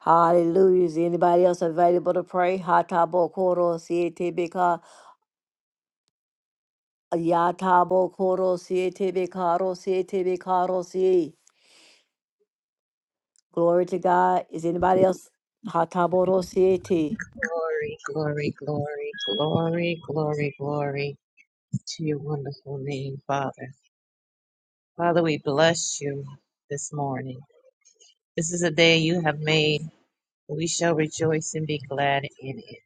Speaker 1: Hallelujah. Is anybody else available to pray? Ha tabo korosi etibika. Ya tabo korosi etibika rosi etibika rosi. Glory to God. Is anybody else? Ha tabo rosi eti.
Speaker 2: Glory, glory, glory, glory, glory, glory to your wonderful name, Father. Father, we bless you this morning. This is a day you have made. We shall rejoice and be glad in it.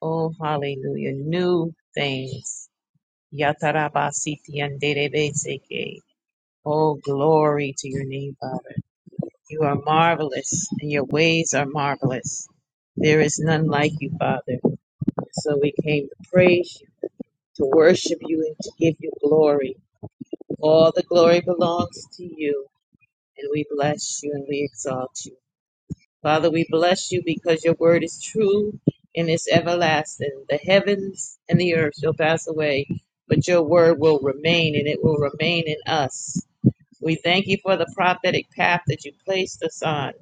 Speaker 2: Oh, hallelujah. New things. Yatarabasiti anderebeseke. Oh, glory to your name, Father. You are marvelous and your ways are marvelous. There is none like you, Father. So we came to praise you. to worship you and to give you glory. All the glory belongs to you, and we bless you and we exalt you. Father, we bless you because your word is true and it's everlasting. The heavens and the earth shall pass away, but your word will remain and it will remain in us. We thank you for the prophetic path that you placed us on.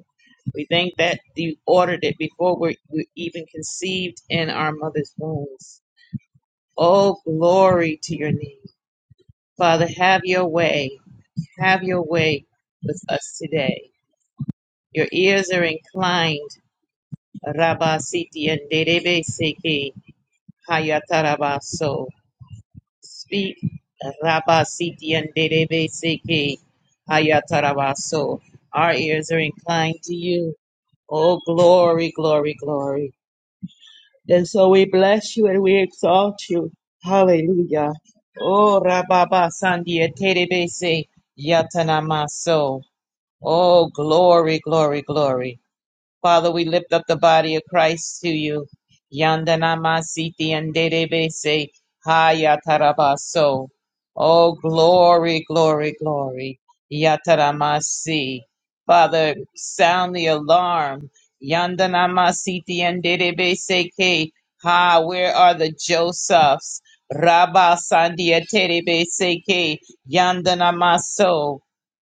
Speaker 2: We thank that you ordered it before we were even conceived in our mother's wombs. Oh, glory to your name. Father, have your way. Have your way with us today. Your ears are inclined. Rabba Siti and Derebe Seki Hayatarabaso. Speak. Rabba Siti and Derebe Seki Hayatarabaso. Our ears are inclined to you. Oh, glory, glory, glory. And so we bless you and we exalt you. Hallelujah. Oh, Rababa Sandia Terebese Yatanamaso. Oh, glory, glory, glory. Father, we lift up the body of Christ to you. Yandanamasiti and Dedebese Hayatarabaso. Oh, glory, glory, glory. Yataramasi. Father, sound the alarm. Yandanamasiti and Dedebese Ke. Ha, where are the Josephs? Rabba Sandia Terebese Ke. Yandanamaso.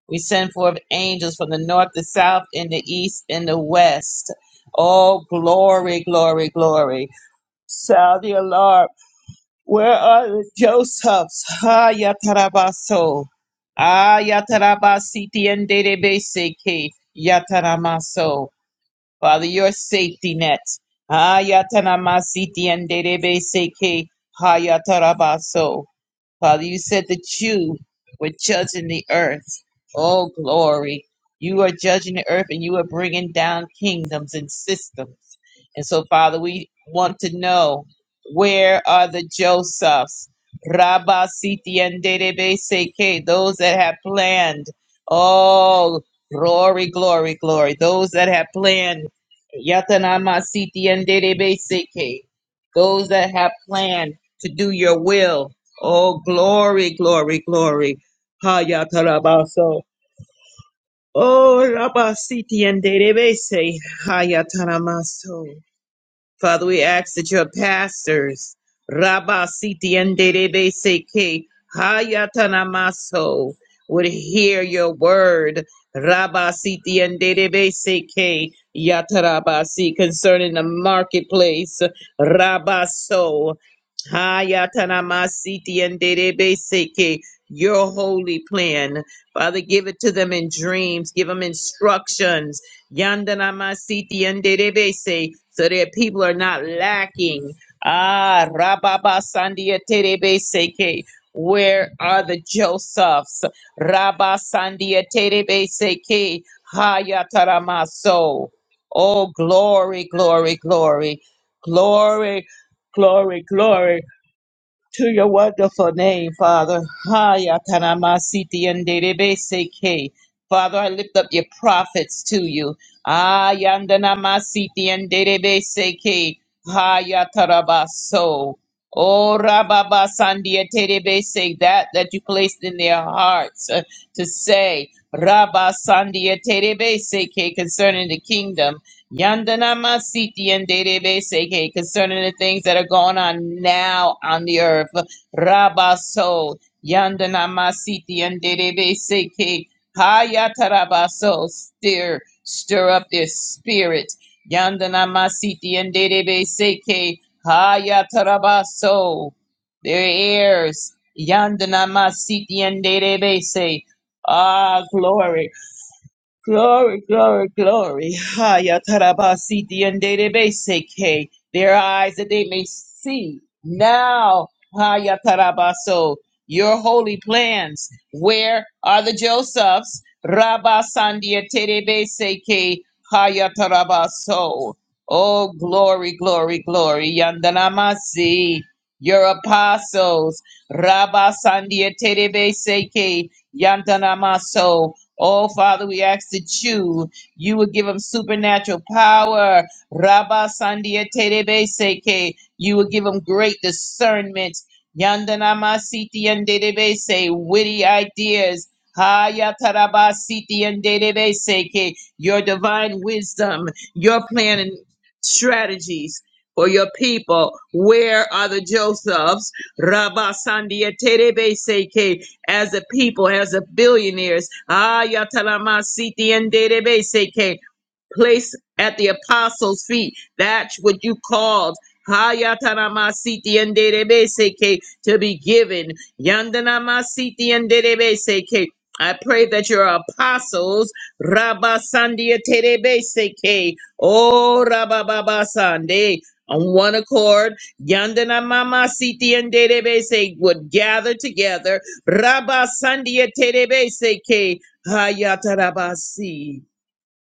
Speaker 2: We send forth angels from the north, the south, and the east, and the west. Oh, glory, glory, glory. Sound the alarm. Where are the Josephs? Ah, yatarabaso. Ah, yatarabasiti and derebeseke. Yataramaso. Father, your safety net. Ah, yataramasiti and derebeseke. Ha yatarabaso. Father, you said that you were judging the earth. Oh, glory. You are judging the earth and you are bringing down kingdoms and systems. And so, Father, we want to know where are the Josephs? Rabba Siti and Dedebe Seke, those that have planned. Oh, glory, glory, glory. Those that have planned. Yatanama Siti and Dedebe Seke, those that have planned to do your will Oh, glory, glory, glory. Hayatarabaso. Oh, Rabasiti and Derebese. Hayataramaso. Father, we ask that your pastors, Rabba Siti and Derebe Seke, Hayatanamaso, would hear your word, Rabba Siti and Derebe Seke, Yatarabasi, concerning the marketplace, Rabba So, Hayatanamasiti and Derebe Seke, your holy plan. Father, give it to them in dreams, give them instructions. Yandana Masiti and Terebese, so that people are not lacking. Ah, Rababa Sandia Terebese, ke. where are the Josephs? Rabba Sandia Terebese, ke. Hayataramaso. Oh, glory, glory, glory, glory, glory, glory to your wonderful name, Father. Haya tanamasiti and Father, I lift up your prophets to you. Ayandanamasiti and Derebeseke. Haya tarabaso. Oh, Rababa Sandia Terebese, that that you placed in their hearts uh, to say, Rabba Sandia Terebese concerning the kingdom. Yandana Masiti and Derebe Seke concerning the things that are going on now on the earth. Rabaso Yandana Masiti and Derebe Seke Hayatarabaso stir stir up their spirit. Yandana Masiti and Derebe Seke Hayatarabaso their ears. Yandana Masiti and Derebe Se Ah glory. Glory, glory, glory. Ha, ya tarabasi diendebese ke. Their eyes that they may see now. Ha, ya tarabaso. Your holy plans. Where are the Josephs? Rabba sandia seke ke. Ha, ya tarabaso. Oh, glory, glory, glory. Yandanamasi. Your apostles. Rabba sandia seke ke. Yandanamaso. Oh, Father, we ask that you, you would give them supernatural power. Rabba Sandia Terebe Seke. You would give them great discernment. Yandanama Siti and Dedebe Se. Witty ideas. Haya Taraba Siti and Dedebe Seke. Your divine wisdom, your plan and strategies. For your people, where are the Josephs? Rabba Sandia Terebe Seke as a people, as a billionaires. Ah, yatalamasiti and database place at the apostles' feet. That's what you called. Hayatanamasiti and Derebeseke to be given. Yandanamasiti and Derebeseke. I pray that your apostles, Rabba Sandia Terebeseke, oh Rabba Baba Sande, on one accord, Yandana Mama Siti and Derebese would gather together, Rabba Sandia Terebeseke, Hayatarabasi.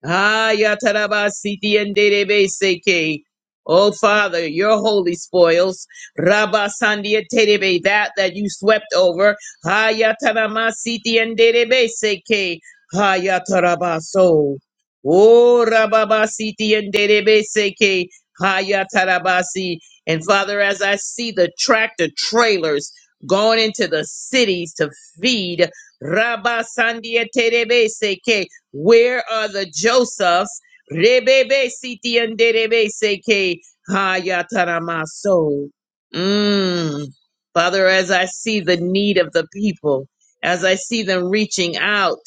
Speaker 2: Hayatarabasitiyenderebeseke. Oh Father, your holy spoils, Rabba Sandiaterebe, that that you swept over, Hayataramasitiyenderebeseke, Hayatarabaso. Oh Rababasitiyenderebeseke, Hayatarabasi. And Father, as I see the tractor trailers going into the cities to feed, Rabba Sandia where are the Josephs? Rebebe siti and derebe seke hayataramaso. Mm. Father, as I see the need of the people, as I see them reaching out,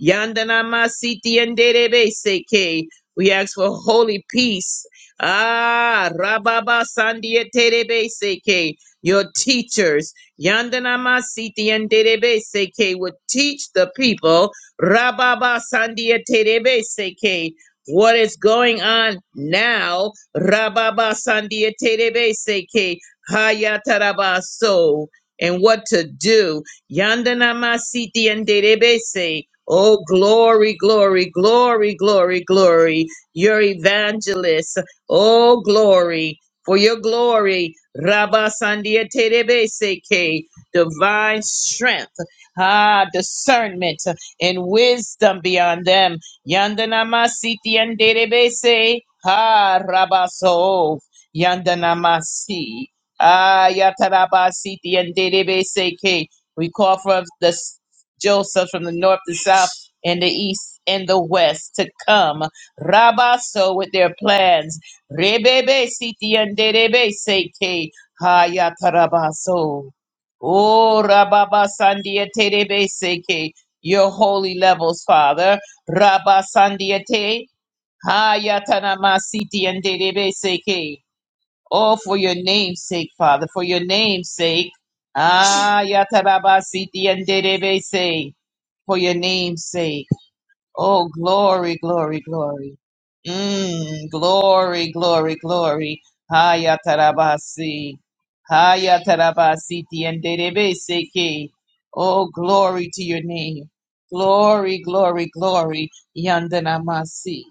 Speaker 2: yandanama siti and derebe seke. We ask for holy peace. Ah, rababa sandia terebe seke. Your teachers, yandanama siti and derebe seke, would teach the people Rababa Sandia Terebe Seke. What is going on now? Rababa Sandia Terebe Seke. Hayatarabaso. And what to do. Yandanama Siti and Terebe Se. Oh, glory, glory, glory, glory, glory. Your evangelist. Oh, glory. For your glory. Rabba Sandia Terebe Seke. Divine strength. Ah, discernment and wisdom beyond them. Yandanama siti yanderebese. Ha rabaso. Yandanamasi. Ah yatarabasiti yanderebese ke. We call for the s- Joseph from the north, the south, and the east and the west to come. Rabaso with their plans. Rebebe siti yanderebese ke. Ha yatarabaso. Oh, Rababa Sandia Terebe Seke, your holy levels, Father. Rabba Sandiate, Hayatanamasiti and Derebe Seke. Oh, for your name's sake, Father, for your name's sake. Ayatarabasiti and Derebe Se. For your name's sake. Oh, glory, glory, glory. Mm, glory, glory, glory. Haya tarabasi. Haya tarabasi tienderebe seke. Oh, glory to your name. Glory, glory, glory. Yandanamasi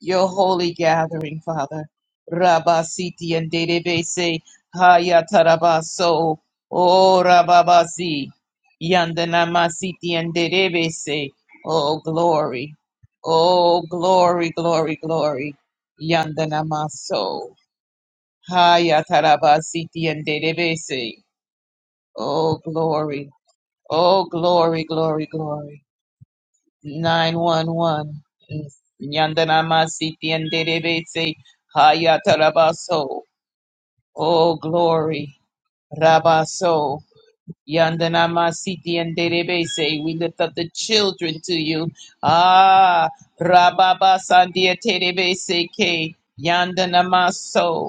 Speaker 2: your holy gathering, Father. Rabba Siti and Dedebese Hayatarabaso O Rababasi Yandanama Siti and Dedebese Oh glory Oh glory glory glory Yandanamaso Hayatarabasiti and Dedebese Oh glory Oh glory glory glory 911. Yandanamasi tienderebese hayatarabaso. Oh, glory. Rabaso. Yandanamasi tienderebese. We lift up the children to you. Ah, rababa sandia terebese ke. Yandanamaso.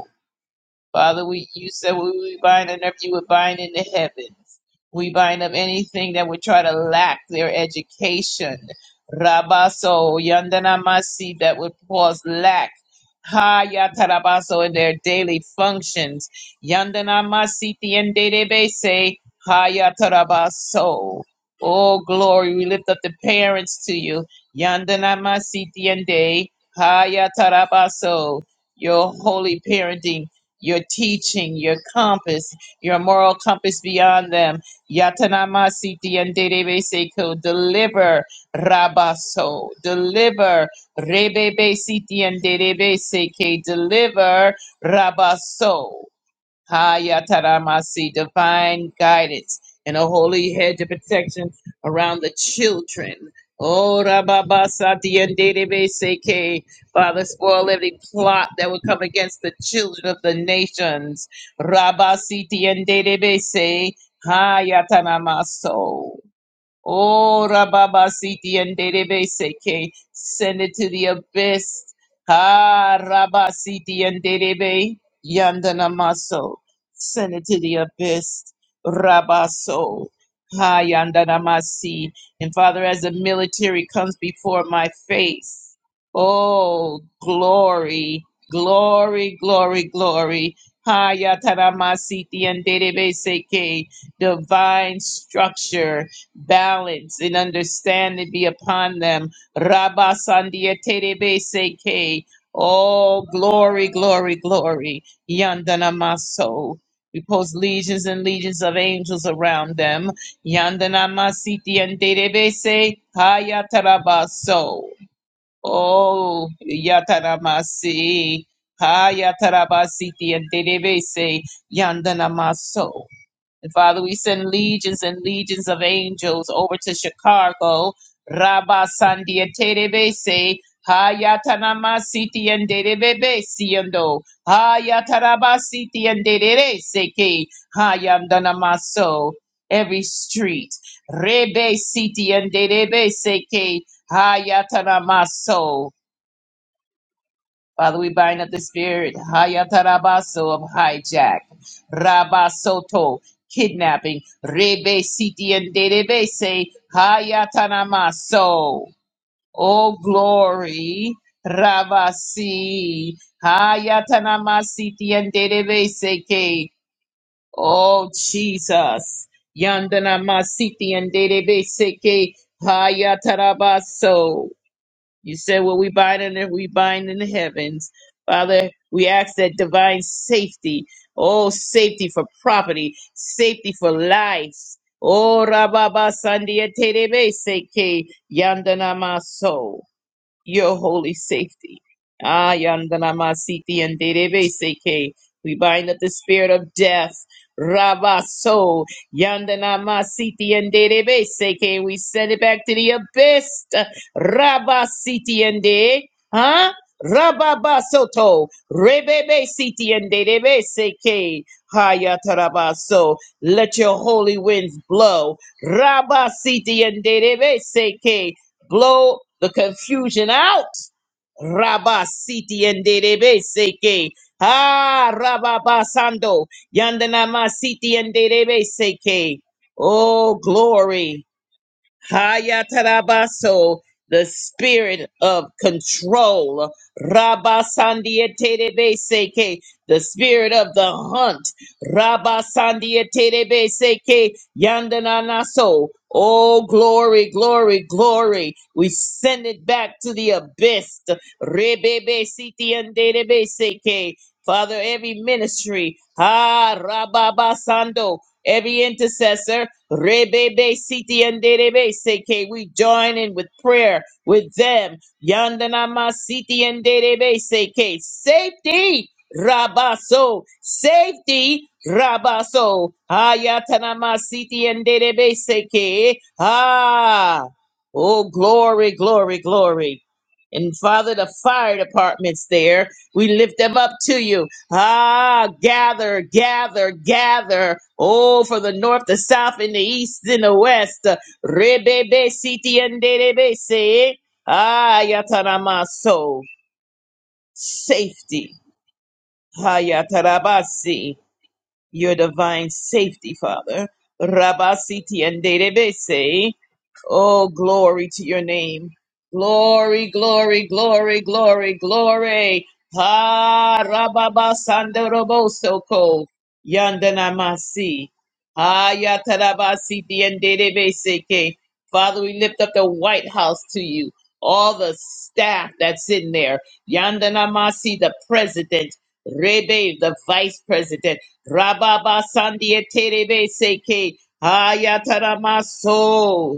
Speaker 2: Father, we you said we we bind on earth, you would bind in the heavens. We bind up anything that would try to lack their education. Rabaso, Yandanamasi, that would cause lack. Ha yatarabaso in their daily functions. Yandanamasi tiendebese. Ha yatarabaso. Oh glory, we lift up the parents to you. Yandanamasi tiende. Ha yatarabaso. Your holy parenting your teaching, your compass, your moral compass beyond them. Yatanamasiti and Seko, deliver Rabaso, deliver Rebebe Siti and Seke, deliver Rabaso. Hayataramasi, divine guidance and a holy hedge of protection around the children. Oh, Rababasati and Dedebeseke, Father, spoil every plot that would come against the children of the nations. Rabasiti and Dedebese, Hayatanamaso. Oh, Rababa Siti and Derebe Seke, send it to the abyss. Ah, Rabba Siti and Derebe, Yandana Maso, send it to the abyss. Rabaso, Ha Yandana Masi. And Father, as the military comes before my face, oh, glory, glory, glory, glory. Ha Yatana Masiti and Derebe Seke, divine structure balance and understanding be upon them. Rabba Sandia Terebe Seke. Oh, glory, glory, glory. Yandana Maso. We post legions and legions of angels around them. Yandana Masiti and Terebe Se. Hayatarabaso. Oh, Yataramasi. Hayatarabasiti and Terebe Se. Yandana Maso. And Father, we send legions and legions of angels over to Chicago. Rabba Sandia Terebese. Hayatanama City and Derebebe Siendo. Hayataraba City and Derere Seke. Hayandanamaso. Every street. Rebe City and Derebe Seke. Hayatanamaso. Father, we bind up the spirit hayatarabaso of hijack, rabasoto, kidnapping, rebe siti and derebese, hayatanamaso. Oh glory, rabasi, hayatanamasiti and derebese ke. Oh Jesus, yandanamasiti and derebese ke, hayatarabaso. You said what we bind on earth, we bind in the heavens. Father, we ask that divine safety, oh, safety for property, safety for life. Oh, Rababa Sandia Terebe Seke Yandana Maso your holy safety. Ah, Yandanamasiti and Derebe Seke. We bind up the spirit of death. Rabaso. Yandanamasiti and Derebe Seke. We send it back to the abyss. Rabasiti and De. Huh? Rababasoto. Rebebe Siti and Derebe Seke. Hayatarabaso. Let your holy winds blow. Rabasiti and Derebe Seke blow the confusion out. Rabba siti enderebe seke. Ah, rabba basando. Yandanama siti enderebe seke. Oh, glory. Hayatarabaso, the spirit of control. Rabasandieterebeseke, the spirit of the hunt. Rabasandieterebeseke, yandananaso. Oh, glory, glory, glory. We send it back to the abyss. Rebebesitiandedebeseke. Father, every ministry, ah, Rababasando, every intercessor, Rebebe Siti and Derebe Seke, we join in with prayer with them. Yandanama Siti and Derebe Seke, safety, Rabaso, safety, Rabaso, ayatanama Siti and Derebe Seke, ah, oh, glory, glory, glory. And Father, the fire departments there, we lift them up to you. Ah, gather, gather, gather. Oh, for the north, the south, and the east, and the west. Rebebe siti and se. Ah, yataramaso. Safety. Ah, yatarabasi. Your divine safety, Father. Rabasiti and se. Oh, glory to your name. Glory, glory, glory, glory, glory. Ha rababa sandoroboso ko yandanamasi. Ha yatarabasi diendebeseke. Father, we lift up the White House to you. All the staff that's in there. Yandanamasi, the president. Rebe, the vice president. Rababa sandieterebeseke. Ha yataramaso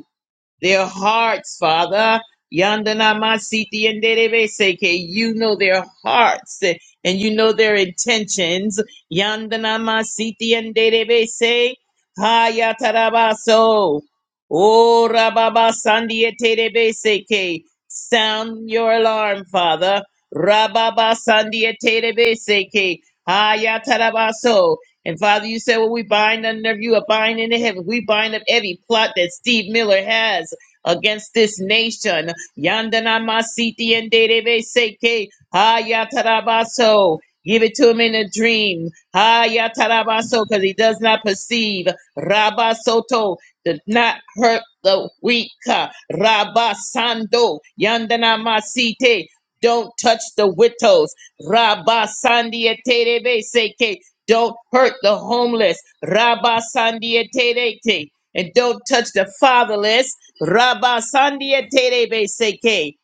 Speaker 2: their hearts, Father. Yandana masiti and seke. You know their hearts eh, and you know their intentions. Yandana masiti and se. Hayatarabaso. O rababa sandi seke. Sound your alarm, Father. Rababa sandi seke. Hayatarabaso. And Father, you said, Well, we bind under you, are binding in heaven. We bind up every plot that Steve Miller has against this nation. Yandana Masiti and Derebe Seke. Hayatarabaso. Give it to him in a dream. Hayatarabaso, because he does not perceive. Rabasoto. Does not hurt the weak. Rabasando. Yandana Masite. Don't touch the widows. Rabasandi Terebe Seke. Don't hurt the homeless. Rabba Sandia Terete. And don't touch the fatherless. Rabba Sandia Terebe Seke.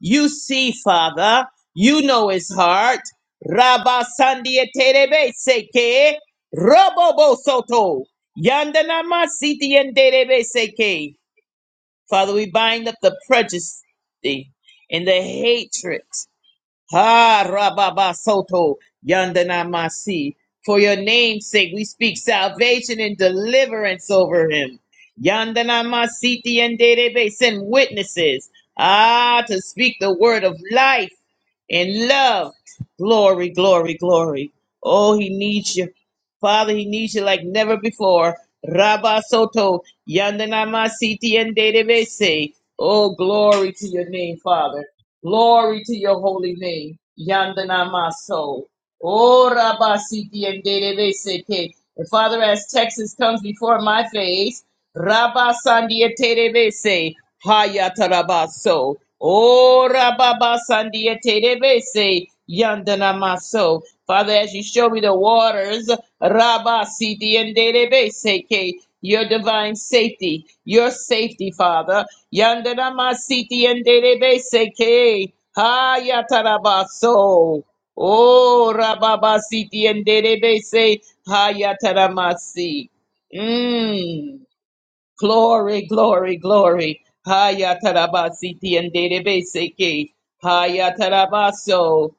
Speaker 2: You see, Father, you know his heart. Rabba Sandia Terebe Seke. Robobo Soto. Yandanama Siti and Terebe Seke. Father, we bind up the prejudice and the hatred Ha Rababa Soto Yandanamasi. For your name's sake, we speak salvation and deliverance over him. Yandanamasiti and Dedebe send witnesses. Ah, to speak the word of life and love. Glory, glory, glory. Oh, he needs you. Father, he needs you like never before. Rabba Soto, Yandanamasiti and Dedebe say, Oh, glory to your name, Father. Glory to your holy name. Yandana maso. Ora basiti and Dede Beseke. And Father, as Texas comes before my face, Rabba Sandia Terebese, Hayatarabaso, O Rababa Sandia Terebese, Yandana Maso. Father, as you show me the waters, Rabba Sidi and Terebese, Ke, your divine safety, your safety, Father. Yandana Masiti and Terebese, Ke, Hayatarabaso. Oh, Rababa Siti and Terebese, Hayataramasi. Mmm. Glory, glory, glory. Haya tarabasiti and database. Haya tarabaso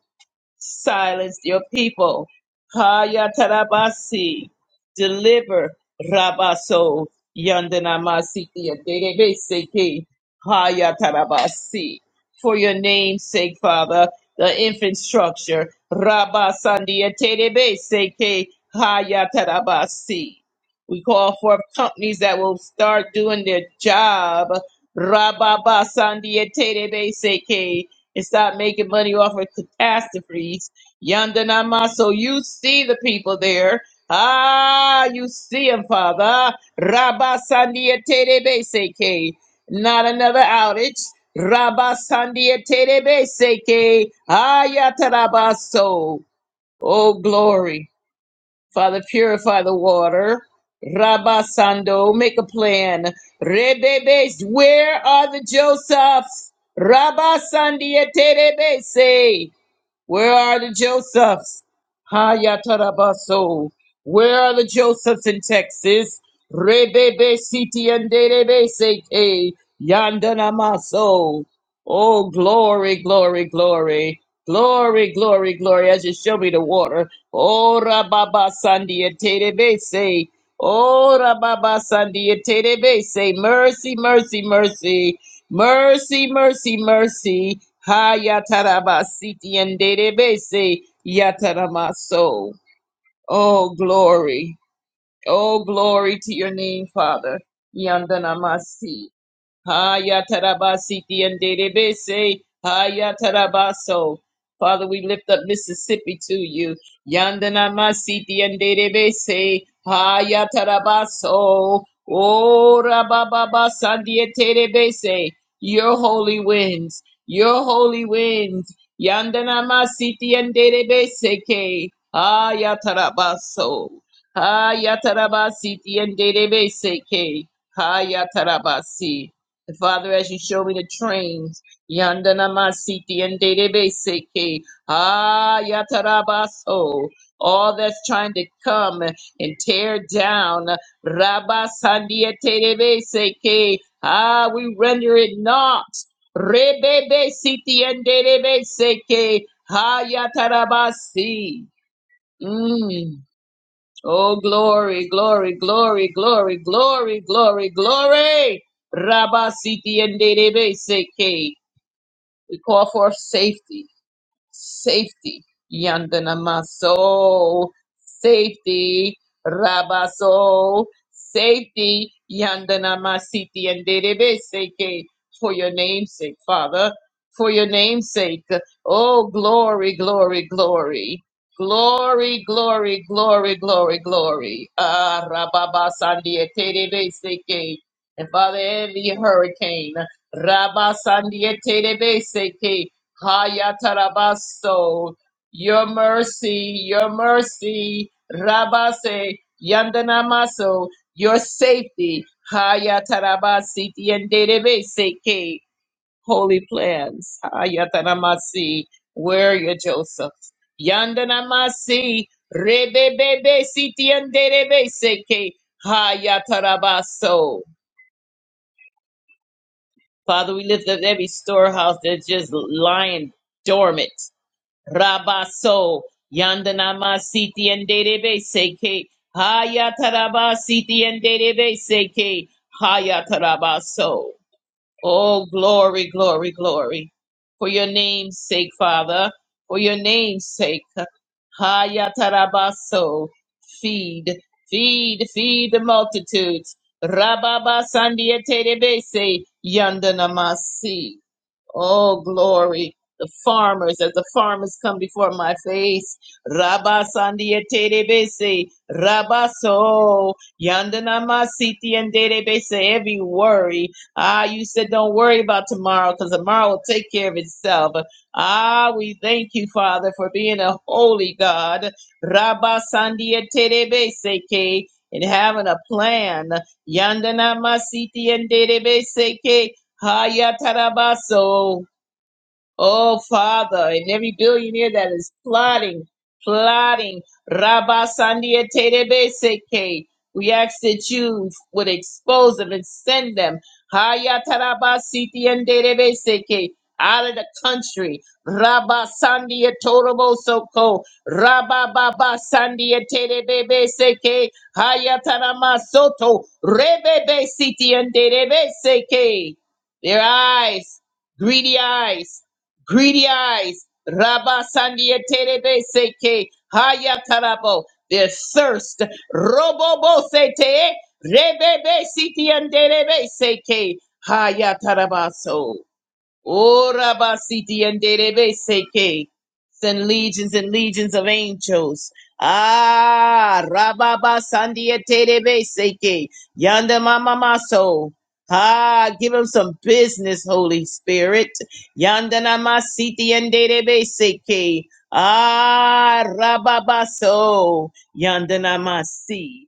Speaker 2: silence your people. Kaya tarabasi. deliver Rabaso Yandanamasiti Haya tarabasi. For your name's sake, Father, the infrastructure, Rabasandia Terebeseke Haya tarabasi. We call for companies that will start doing their job. Rababa Sandia Terebeseke and stop making money off of catastrophes. Yandanama. So you see the people there. Ah, you see them, Father. Rabba Sandia Terebe Seke. Not another outage. Rabba Sandia Terebeseke. Ayatarabaso. Oh, glory. Father, purify the water. Rabba Sando, make a plan. Rebebes, where are the Josephs? Rabba Sandiete Rebese. Where are the Josephs? Hayatarabaso. Where are the Josephs in Texas? Rebebe siti and derebe seke yandanamaso. Oh, glory, glory, glory. Glory, glory, glory, as you show me the water. Oh, Rababa Sandia Terebese. Oh, Rababa Sandia Terebese. Mercy, mercy, mercy. Mercy, mercy, mercy. Ha yatarabasiti and dedebese yataramaso. Oh, glory. Oh, glory to your name, Father. Yandanamasi. Hayatarabasiti and Dedebese. Hayatarabaso. Father, we lift up Mississippi to you. Yandanamasiti and Dedebese. Hayatarabaso. Oh, Rabababa Sandieterebese. Your holy winds. Your holy winds. Yandanamasiti and Dedebese. ke. Hayatarabaso. Hayatarabasiti and Dedebese. ke. Hayatarabasi. And Father, as you show me the trains, Yandana Masiti and Seke, Ah Yatarabaso, all that's trying to come and tear down Rabba Sandia Seke, Ah, we render it not. Rebebe Siti and Seke, Ah Yatarabasi. Mm. Oh, glory, glory, glory, glory, glory, glory, glory. Rabba Siti and Dede Seke. We call for safety safety. Yandanamaso, safety. Rabaso, safety. Yandanamasiti and Seke, for your name's sake, Father, for your name's sake. Oh, glory, glory, glory. Glory, glory, glory, glory, glory. Ah, Rababa Sandia Terebe And Father, every hurricane, Rabba Sandia Terebe Hayatarabaso. Your mercy, your mercy, Rabase, Yandanamaso, your safety, Hayatarabasi, Yanderebeseke, holy plans, Hayatanamasi, where are you, Joseph? Yandanamasi, Rebebebe, Siti, Yanderebeseke, Hayatarabaso. Father, we lift up every storehouse that's just lying dormant. Rabaso Yandanama Siti and Derebe Seke Hayataraba Siti and Derebe Seke Hayatarabaso. Oh glory, glory, glory. For your name's sake, Father, for your name's sake. Hayatarabaso. Feed, feed, feed the multitudes. Rababa Sandia Terebese Yandanamasi. Oh, glory. The farmers, as the farmers come before my face. Rabba Sandia Terebese, Rabba So, Yandana Masiti and Terebese, every worry. Ah, you said don't worry about tomorrow because tomorrow will take care of itself. Ah, we thank you, Father, for being a holy God. Rabba Sandia Terebese, K, and having a plan. Yandana Masiti and Terebese, Hayatarabaso. Oh, Father, and every billionaire that is plotting, plotting, Rabba Sandia Terebe Seke, we ask that you would expose them and send them, Haya Taraba Siti and Terebe Seke, out of the country, Rabba Sandia Torobo Soko, Rabba Baba Sandia Terebe Seke, Haya Tarama Soto, Rebebe Siti and Terebe Seke, their eyes, greedy eyes greedy eyes. Rabba Sandia Terebe Seke Haya Karabo. Their thirst. robobo sete Rebebe Siti and Terebe Seke Haya Tarabaso. Oh, Rabba Siti and Derebe Seke. Send legions and legions of angels. Ah, Rababa Sandia Terebe Seke. Yanda Mama Maso. Ah, give him some business, Holy Spirit. Yanda Nama Siti and Derebe Seke. Ah, Rababaso. Yanda Nama Si.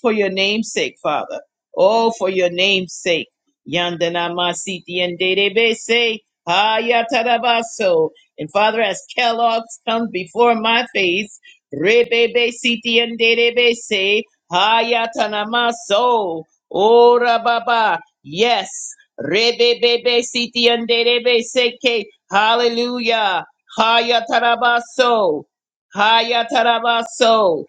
Speaker 2: For your name's sake, Father. Oh, for your name's sake. Yandana Masiti and Dedebese. Hayatarabaso. And Father, as Kellogg's comes before my face, Rebebe Siti and Dedebese. Hayatanamaso. Ora Baba. Yes. Rebebebe Siti and Dedebese. Hallelujah. Hayatarabaso. Hayatarabaso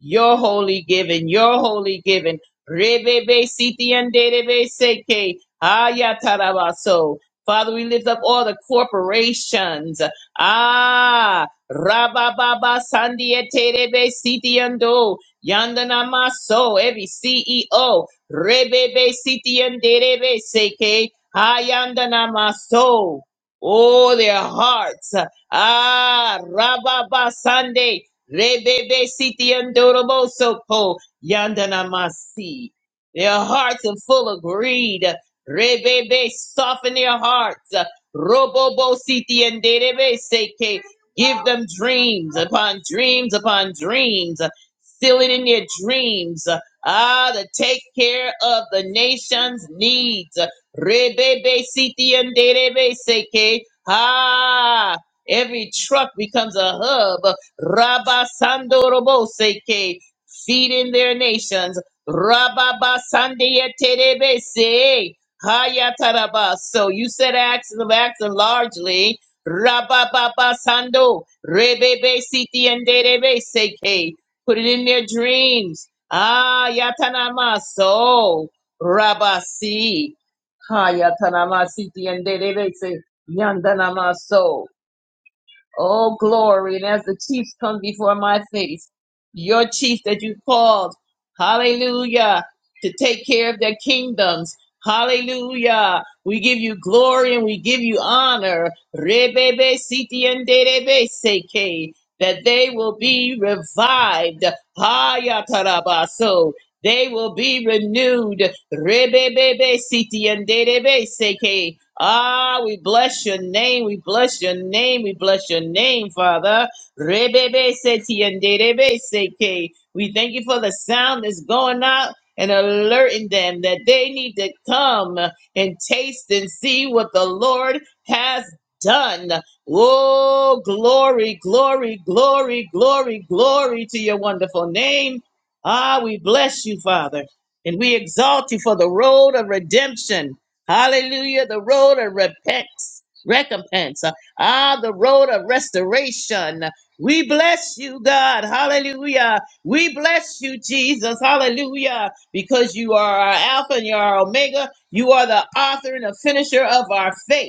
Speaker 2: your holy giving, your holy giving. Rebebe siti and derebe seke ayatarabaso. Father, we lift up all the corporations. Ah, rabababa sandieterebe siti ando yandana maso every CEO. Rebebe siti and derebe seke ayandana maso. Oh, their hearts. Ah, rababa sande Rebebe siti andorobo sopo yandana masi. Their hearts are full of greed. Rebebe, soften their hearts. Robobo siti anderebe seke. Give them dreams upon dreams upon dreams. Seal it in their dreams. Ah, to take care of the nation's needs. Rebebe siti anderebe seke. Ah, every truck becomes a hub. Rabba Sandoroboseke, feeding their nations. Rabba Basandia Terebese, Hayataraba. So you said acts of acts largely. Rabba Baba Sando, Rebebe Siti and Derebeseke, put it in their dreams. Ah, Yatanamaso, Rabasi, Hayatanama Siti and Derebese, Yandanamaso. Oh, glory. And as the chiefs come before my face, your chiefs that you called, hallelujah, to take care of their kingdoms. Hallelujah. We give you glory and we give you honor. Rebebe siti and derebe seke. That they will be revived. Hayatarabaso. They will be renewed. Rebebebe siti and dedebe seke. Ah, we bless your name. We bless your name. We bless your name, Father. Rebebe siti and dedebe seke. We thank you for the sound that's going out and alerting them that they need to come and taste and see what the Lord has done. Oh, glory, glory, glory, glory, glory to your wonderful name. Ah, we bless you, Father, and we exalt you for the road of redemption. Hallelujah, the road of repents, recompense. Ah, the road of restoration. We bless you, God. Hallelujah. We bless you, Jesus. Hallelujah. Because you are our Alpha and you are our Omega. You are the author and the finisher of our faith.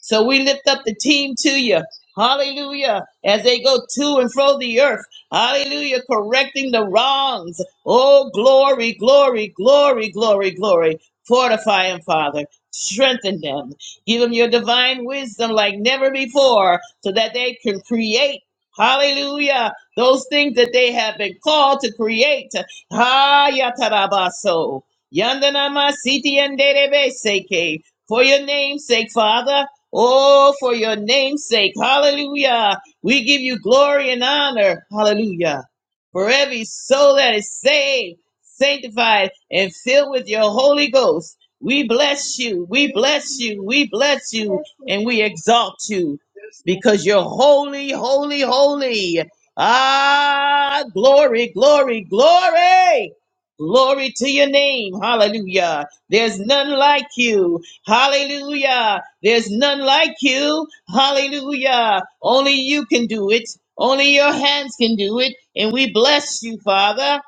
Speaker 2: So we lift up the team to you. Hallelujah. As they go to and fro the earth. Hallelujah. Correcting the wrongs. Oh, glory, glory, glory, glory, glory. Fortify them, Father. Strengthen them. Give them your divine wisdom like never before so that they can create. Hallelujah. Those things that they have been called to create. Ha yatarabaso. Yandanama siti and for your name's sake, Father. Oh, for your name's sake. Hallelujah. We give you glory and honor. Hallelujah. For every soul that is saved, sanctified, and filled with your Holy Ghost, we bless you. We bless you. We bless you. And we exalt you because you're holy, holy, holy. Ah, glory, glory, glory. Glory to your name. Hallelujah. There's none like you. Hallelujah. There's none like you. Hallelujah. Only you can do it. Only your hands can do it. And we bless you, Father.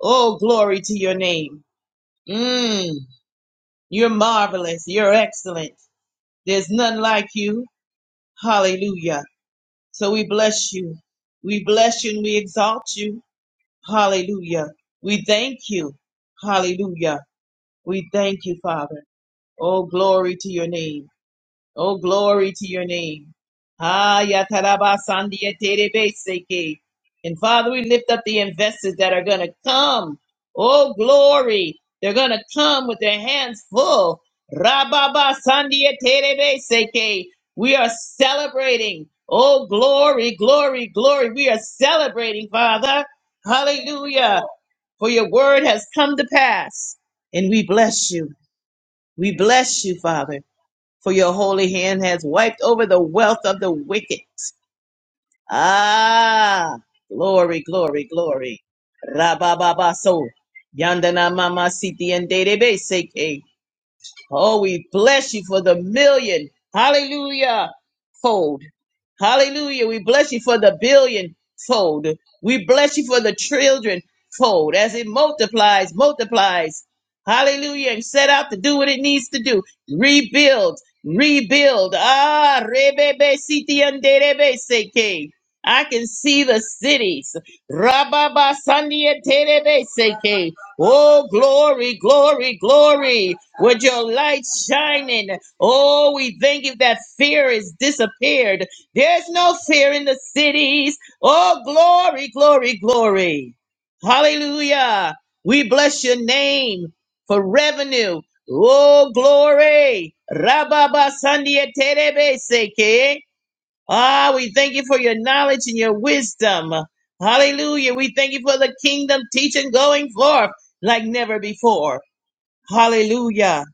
Speaker 2: Oh, glory to your name. Mm, you're marvelous. You're excellent. There's none like you. Hallelujah. So we bless you. We bless you and we exalt you. Hallelujah. We thank you. Hallelujah. We thank you, Father. Oh, glory to your name. Oh, glory to your name. Ah, Seke. And Father, we lift up the investors that are going to come. Oh, glory. They're going to come with their hands full. Rababa Seke. We are celebrating. Oh, glory, glory, glory. We are celebrating, Father. Hallelujah. For your word has come to pass. And we bless you. We bless you, Father for your holy hand has wiped over the wealth of the wicked. Ah, glory, glory, glory. Rabababaso. Yandana mama siti and database. Oh, we bless you for the million. Hallelujah. Fold. Hallelujah. We bless you for the billion fold. We bless you for the children fold as it multiplies, multiplies. Hallelujah. And set out to do what it needs to do. Rebuild, rebuild. Ah, rebebe siti anderebe seke. I can see the cities. Rababa sandia terebe seke. Oh, glory, glory, glory. With your light shining. Oh, we thank you that fear is disappeared. There's no fear in the cities. Oh, glory, glory, glory. Hallelujah. We bless your name for revenue. Oh, glory. Rababa Sandia Terebe Seke. Ah, we thank you for your knowledge and your wisdom. Hallelujah. We thank you for the kingdom teaching going forth like never before. Hallelujah.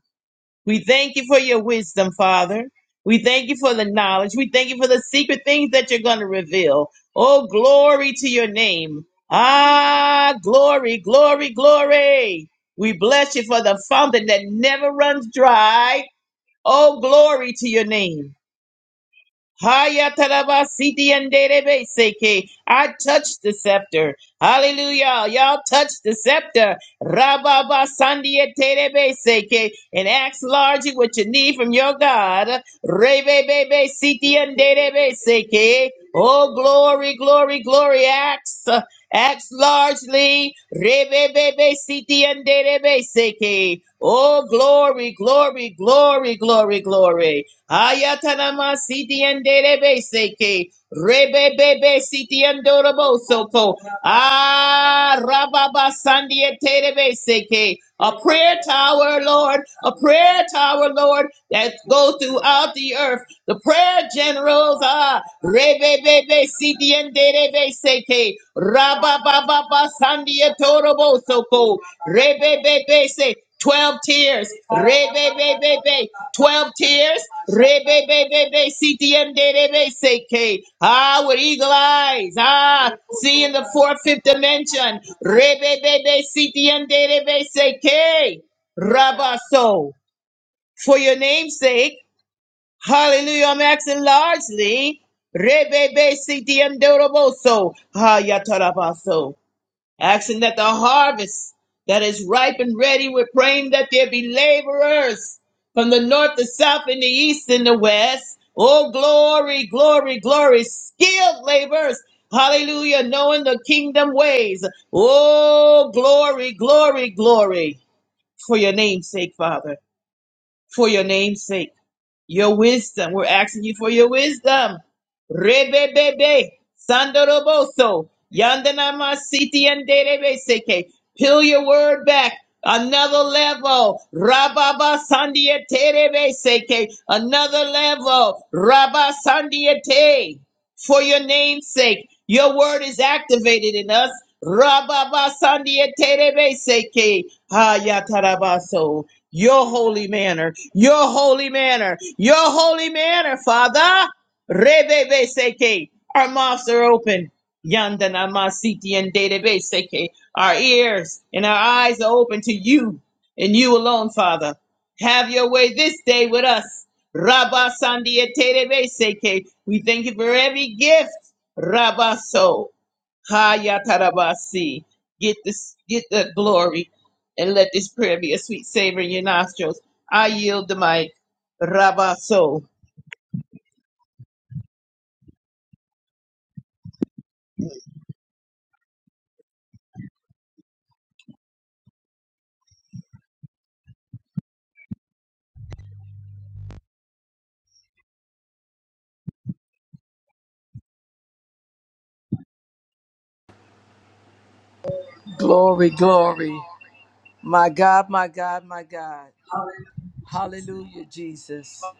Speaker 2: We thank you for your wisdom, Father. We thank you for the knowledge. We thank you for the secret things that you're going to reveal. Oh, glory to your name. Ah, glory, glory, glory. We bless you for the fountain that never runs dry. Oh, glory to your name. Hayataraba Siti and derebe seke. I touch the scepter. Hallelujah. Y'all touch the scepter. Rababa sandia Terebe seke. And ask largely what you need from your God. Rebebebe, Siti and derebe seke. Oh, glory, glory, glory. Acts. Acts largely. Rebebebe, Siti and derebe seke. Oh, glory, glory, glory, glory, glory. Ayatanama sitiandere seke. Rebe bebe sitiandorobo soko. Ah, rababa sandiatere seke. A prayer tower, Lord. A prayer tower, Lord, that goes throughout the earth. The prayer generals are Rebebebe Sidiendebe Seke Rabababa Sandia Torobo Soko Rebebebe Se twelve tears Rebe Bebe be twelve tears Rebebebe Sidiendebe Seke Ah with eagle eyes Ah seeing the fourth fifth dimension Rebebebe Sidiendebe Seke Rabaso for your name's sake Hallelujah. I'm asking largely. Rebebe sitiandoroboso. Hayatarabaso. Asking that the harvest that is ripe and ready, we're praying that there be laborers from the north, the south, and the east, and the west. Oh, glory, glory, glory. Skilled laborers. Hallelujah. Knowing the kingdom ways. Oh, glory, glory, glory. For your name's sake, Father. For your name's sake. Your wisdom. We're asking you for your wisdom. Rebebebe. Sandoroboso. Yandanama siti and seke. Peel your word back. Another level. Rababa sandia terebe seke. Another level. Rabba sandia te. For your name's sake. Your word is activated in us. Rababa sandia terebe seke. Hayatarabaso your holy manner, your holy manner, your holy manner, Father. Rebebe seke. Our mouths are open. Yandana masiti and database seke. Our ears and our eyes are open to you and you alone, Father. Have your way this day with us. Rabba Sandia tedebe seke. We thank you for every gift. Rabaso. Hayatarabasi. Get this, get that glory, and let this prayer be a sweet savor in your nostrils. I yield the mic. Rabaso.
Speaker 3: Glory, glory. My God, my God, my God. Hallelujah, Jesus.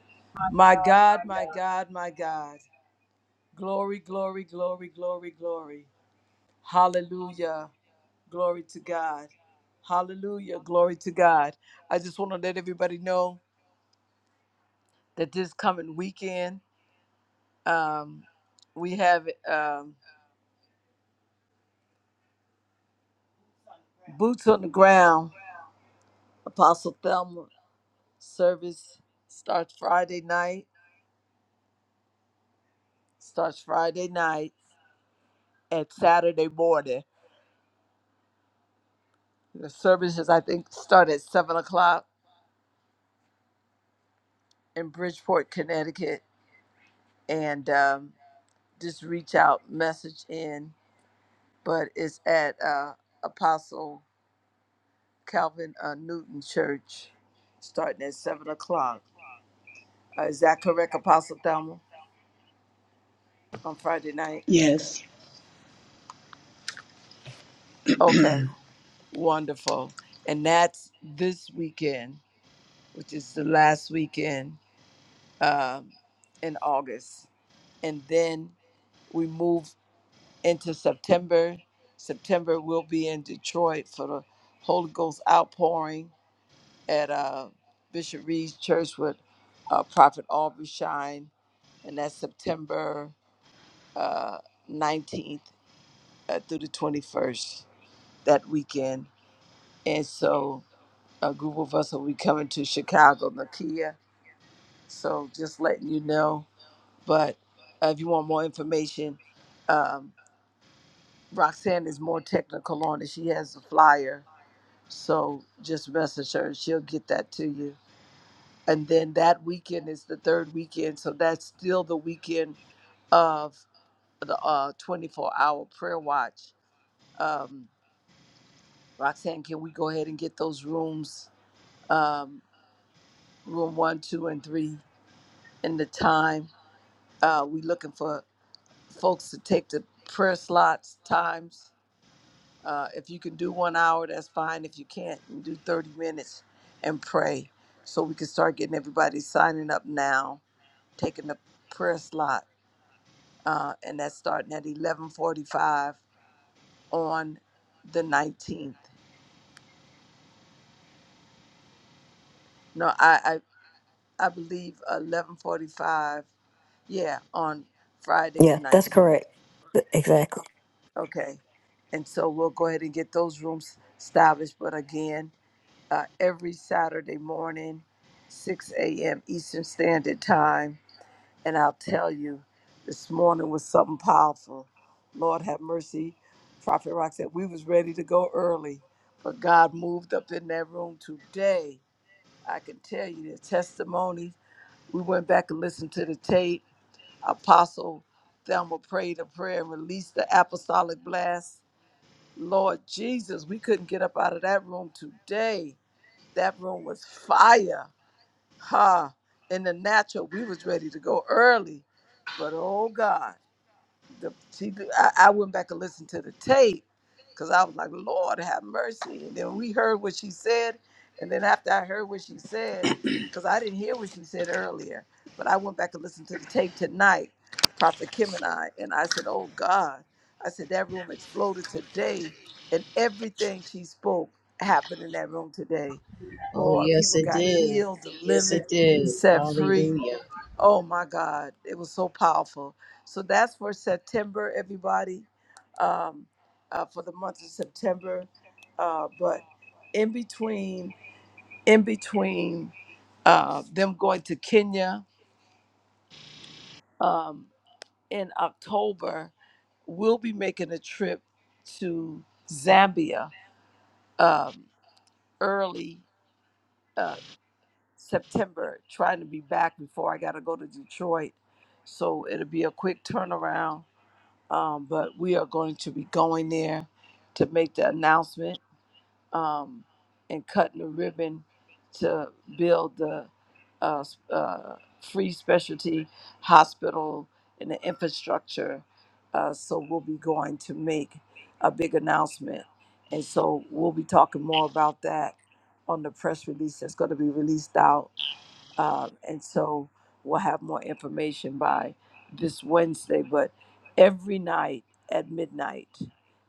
Speaker 3: My God, my God, my God. Glory, glory, glory, glory, glory. Hallelujah. Glory to God. Hallelujah. Glory to God. I just want to let everybody know that this coming weekend, um, we have um, Boots on the Ground, Apostle Thelma service starts Friday night. Starts Friday night at Saturday morning. The services I think start at seven o'clock in Bridgeport, Connecticut, and um, just reach out, message in. But it's at uh, Apostle Calvin uh, Newton Church, starting at seven o'clock. Uh, is that correct, Apostle Thelma, on Friday night?
Speaker 4: Yes,
Speaker 3: Okay, wonderful. And that's this weekend, which is the last weekend um, in August, and then we move into September. September we'll be in Detroit for the Holy Ghost outpouring at uh, Bishop Reed's Church with uh, Prophet Aubrey Shine, and that's September uh, 19th uh, through the 21st that weekend. And so a group of us will be coming to Chicago, Nakia. So just letting you know. But uh, if you want more information, um, Roxanne is more technical on it. She has a flyer So just message her she'll get that to you. And then that weekend is the third weekend. So that's still the weekend of the uh, 24 hour prayer watch. Um, Roxanne, can we go ahead and get those rooms, um, room one, two, and three, and the time? Uh, we looking for folks to take the prayer slots, times Uh, if you can do one hour, that's fine. If you can't, you do 30 minutes and pray. So we can start getting everybody signing up now, taking the prayer slot. Uh, and that's starting at 1145 on the 19th. No, I, I, I believe 1145. Yeah, on Friday the
Speaker 1: Yeah, that's
Speaker 3: 19th.
Speaker 1: correct. Th- Exactly.
Speaker 3: Okay. And so we'll go ahead and get those rooms established. But again, uh, every Saturday morning, 6 a.m. Eastern Standard Time. And I'll tell you, this morning was something powerful. Lord have mercy. Prophet Rock said we was ready to go early, but God moved up in that room today. I can tell you the testimony. We went back and listened to the tape. Apostle Thelma prayed a prayer and released the apostolic blast. Lord Jesus, we couldn't get up out of that room today that room was fire. Ha. In the natural, we was ready to go early. But oh God the she, I, I went back and listened to the tape because I was like, Lord, have mercy. And then we heard what she said, and then after I heard what she said, because I didn't hear what she said earlier, but I went back and listened to the tape tonight, Prophet Kim and I, and I said, Oh God, I said that room exploded today, and everything she spoke happened in that room today.
Speaker 2: Oh,
Speaker 3: Boy,
Speaker 2: yes.
Speaker 3: people got healed,
Speaker 2: Yes,
Speaker 3: delivered, set free. Oh my God, it was so powerful. So that's for September, everybody, um, uh, for the month of September. Uh, but in between, in between uh, them going to Kenya um, in October, we'll be making a trip to Zambia um, early uh, September, trying to be back before I got to go to Detroit. So it'll be a quick turnaround um, but we are going to be going there to make the announcement um, and cutting the ribbon to build the uh, s- uh, free specialty hospital and the infrastructure. Uh, so we'll be going to make a big announcement. And so we'll be talking more about that on the press release that's going to be released out uh, and so we'll have more information by this Wednesday. But every night at midnight,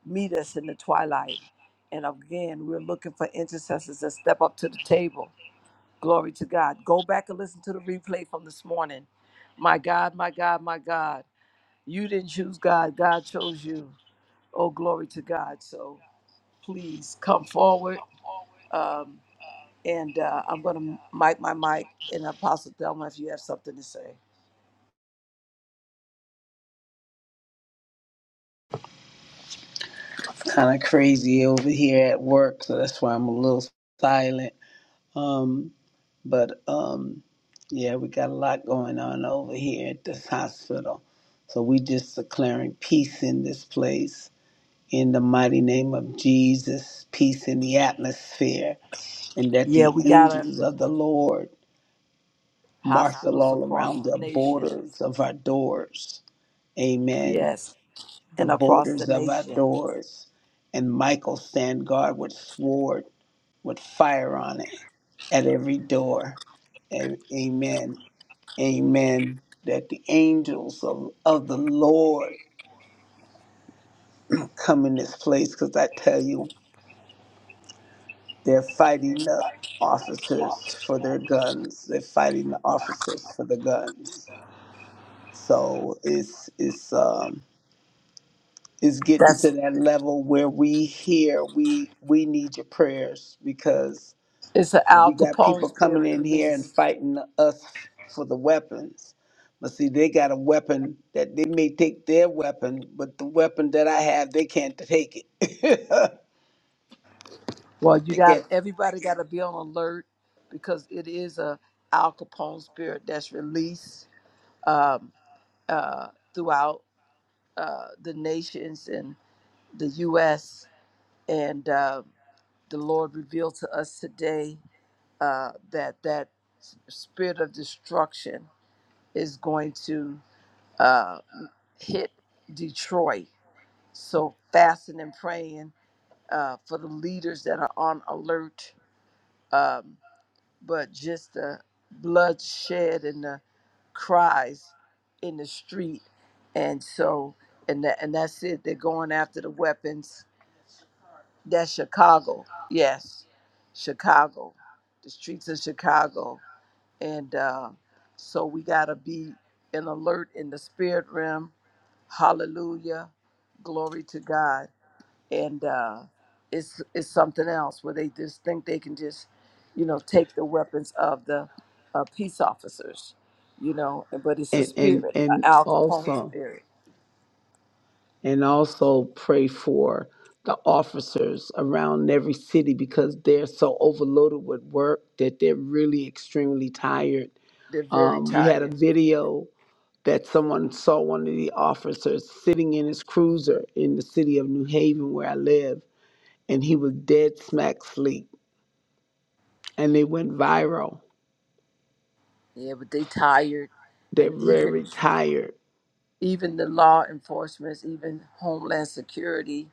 Speaker 3: meet us in the twilight. And again, we're looking for intercessors that step up to the table. Glory to God. Go back and listen to the replay from this morning. My God, my God, my God. You didn't choose God, God chose you. Oh, glory to God. So please come forward. Um, and uh, I'm going to mic my mic. And Apostle Delma, if you have something to say.
Speaker 4: it's kind of crazy over here at work, so that's why I'm a little silent. Um, but um, yeah, we got a lot going on over here at this hospital. So we just declaring peace in this place in the mighty name of Jesus, peace in the atmosphere, and that
Speaker 3: Yeah,
Speaker 4: the
Speaker 3: we got a,
Speaker 4: angels of the Lord marshal
Speaker 3: hospitals
Speaker 4: all
Speaker 3: across
Speaker 4: around
Speaker 3: the
Speaker 4: the
Speaker 3: nation.
Speaker 4: borders of our doors. Amen.
Speaker 3: Yes,
Speaker 4: the
Speaker 3: and across the
Speaker 4: borders of our
Speaker 3: nation.
Speaker 4: doors. And Michael stand guard with sword, with fire on it, at every door. And amen, amen. That the angels of, of the Lord come in this place, because I tell you, they're fighting the officers for their guns. They're fighting the officers for the guns. So it's it's um is getting
Speaker 3: That's
Speaker 4: to that level where we hear we we need your prayers because
Speaker 3: it's an
Speaker 4: we
Speaker 3: Al
Speaker 4: got
Speaker 3: Capone
Speaker 4: people coming
Speaker 3: spirit
Speaker 4: in here and
Speaker 3: release.
Speaker 4: fighting us for the weapons but see they got a weapon that they may take their weapon but the weapon that i have they can't take it
Speaker 3: Well, you
Speaker 4: they
Speaker 3: got
Speaker 4: can't
Speaker 3: everybody got to be on alert because it is a Al Capone spirit that's released um, uh, throughout uh, the nations and the U.S. And uh, the Lord revealed to us today uh, that that s- spirit of destruction is going to. uh, hit Detroit. So fasting and praying uh, for the leaders that are on alert, um, but just the bloodshed and the cries in the street, and so and that, and that's it. They're going after the weapons. That's Chicago, yes, Chicago, the streets of Chicago. And uh, so we got to be in alert in the spirit realm. Hallelujah. Glory to God. And uh, it's, it's something else where they just think they can just, you know, take the weapons of the uh, peace officers, you know, but it's a
Speaker 4: and
Speaker 3: spirit,
Speaker 4: and,
Speaker 3: an
Speaker 4: and
Speaker 3: Al Capone
Speaker 4: also
Speaker 3: spirit.
Speaker 4: and also pray for the officers around every city because they're so overloaded with work that they're really extremely tired
Speaker 3: They're very
Speaker 4: Um, we had a
Speaker 3: tired.
Speaker 4: video that someone saw one of the officers sitting in his cruiser in the city of New Haven, where I live, and he was dead smack sleep. And they went viral.
Speaker 3: Yeah, but they tired.
Speaker 4: They're
Speaker 3: And even
Speaker 4: very tired.
Speaker 3: even the law enforcement, even Homeland Security,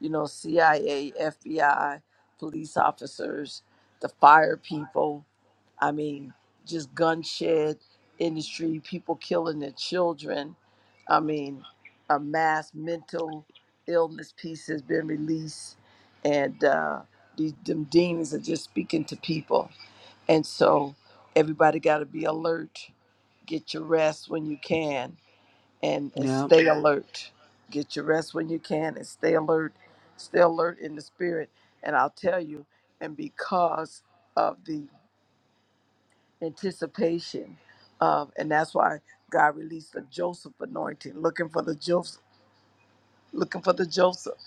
Speaker 3: you know, CIA, FBI, police officers, the fire people. I mean, just gunshed industry, people killing their children. I mean, a mass mental illness piece has been released, and uh, these them demons are just speaking to people. And so everybody got to be alert, get your rest when you can and and
Speaker 4: Yeah.
Speaker 3: stay alert. Get your rest when you can and stay alert. Stay alert in the spirit. And I'll tell you, and because of the anticipation of, and that's why God released the Joseph anointing, looking for the Joseph, looking for the Joseph.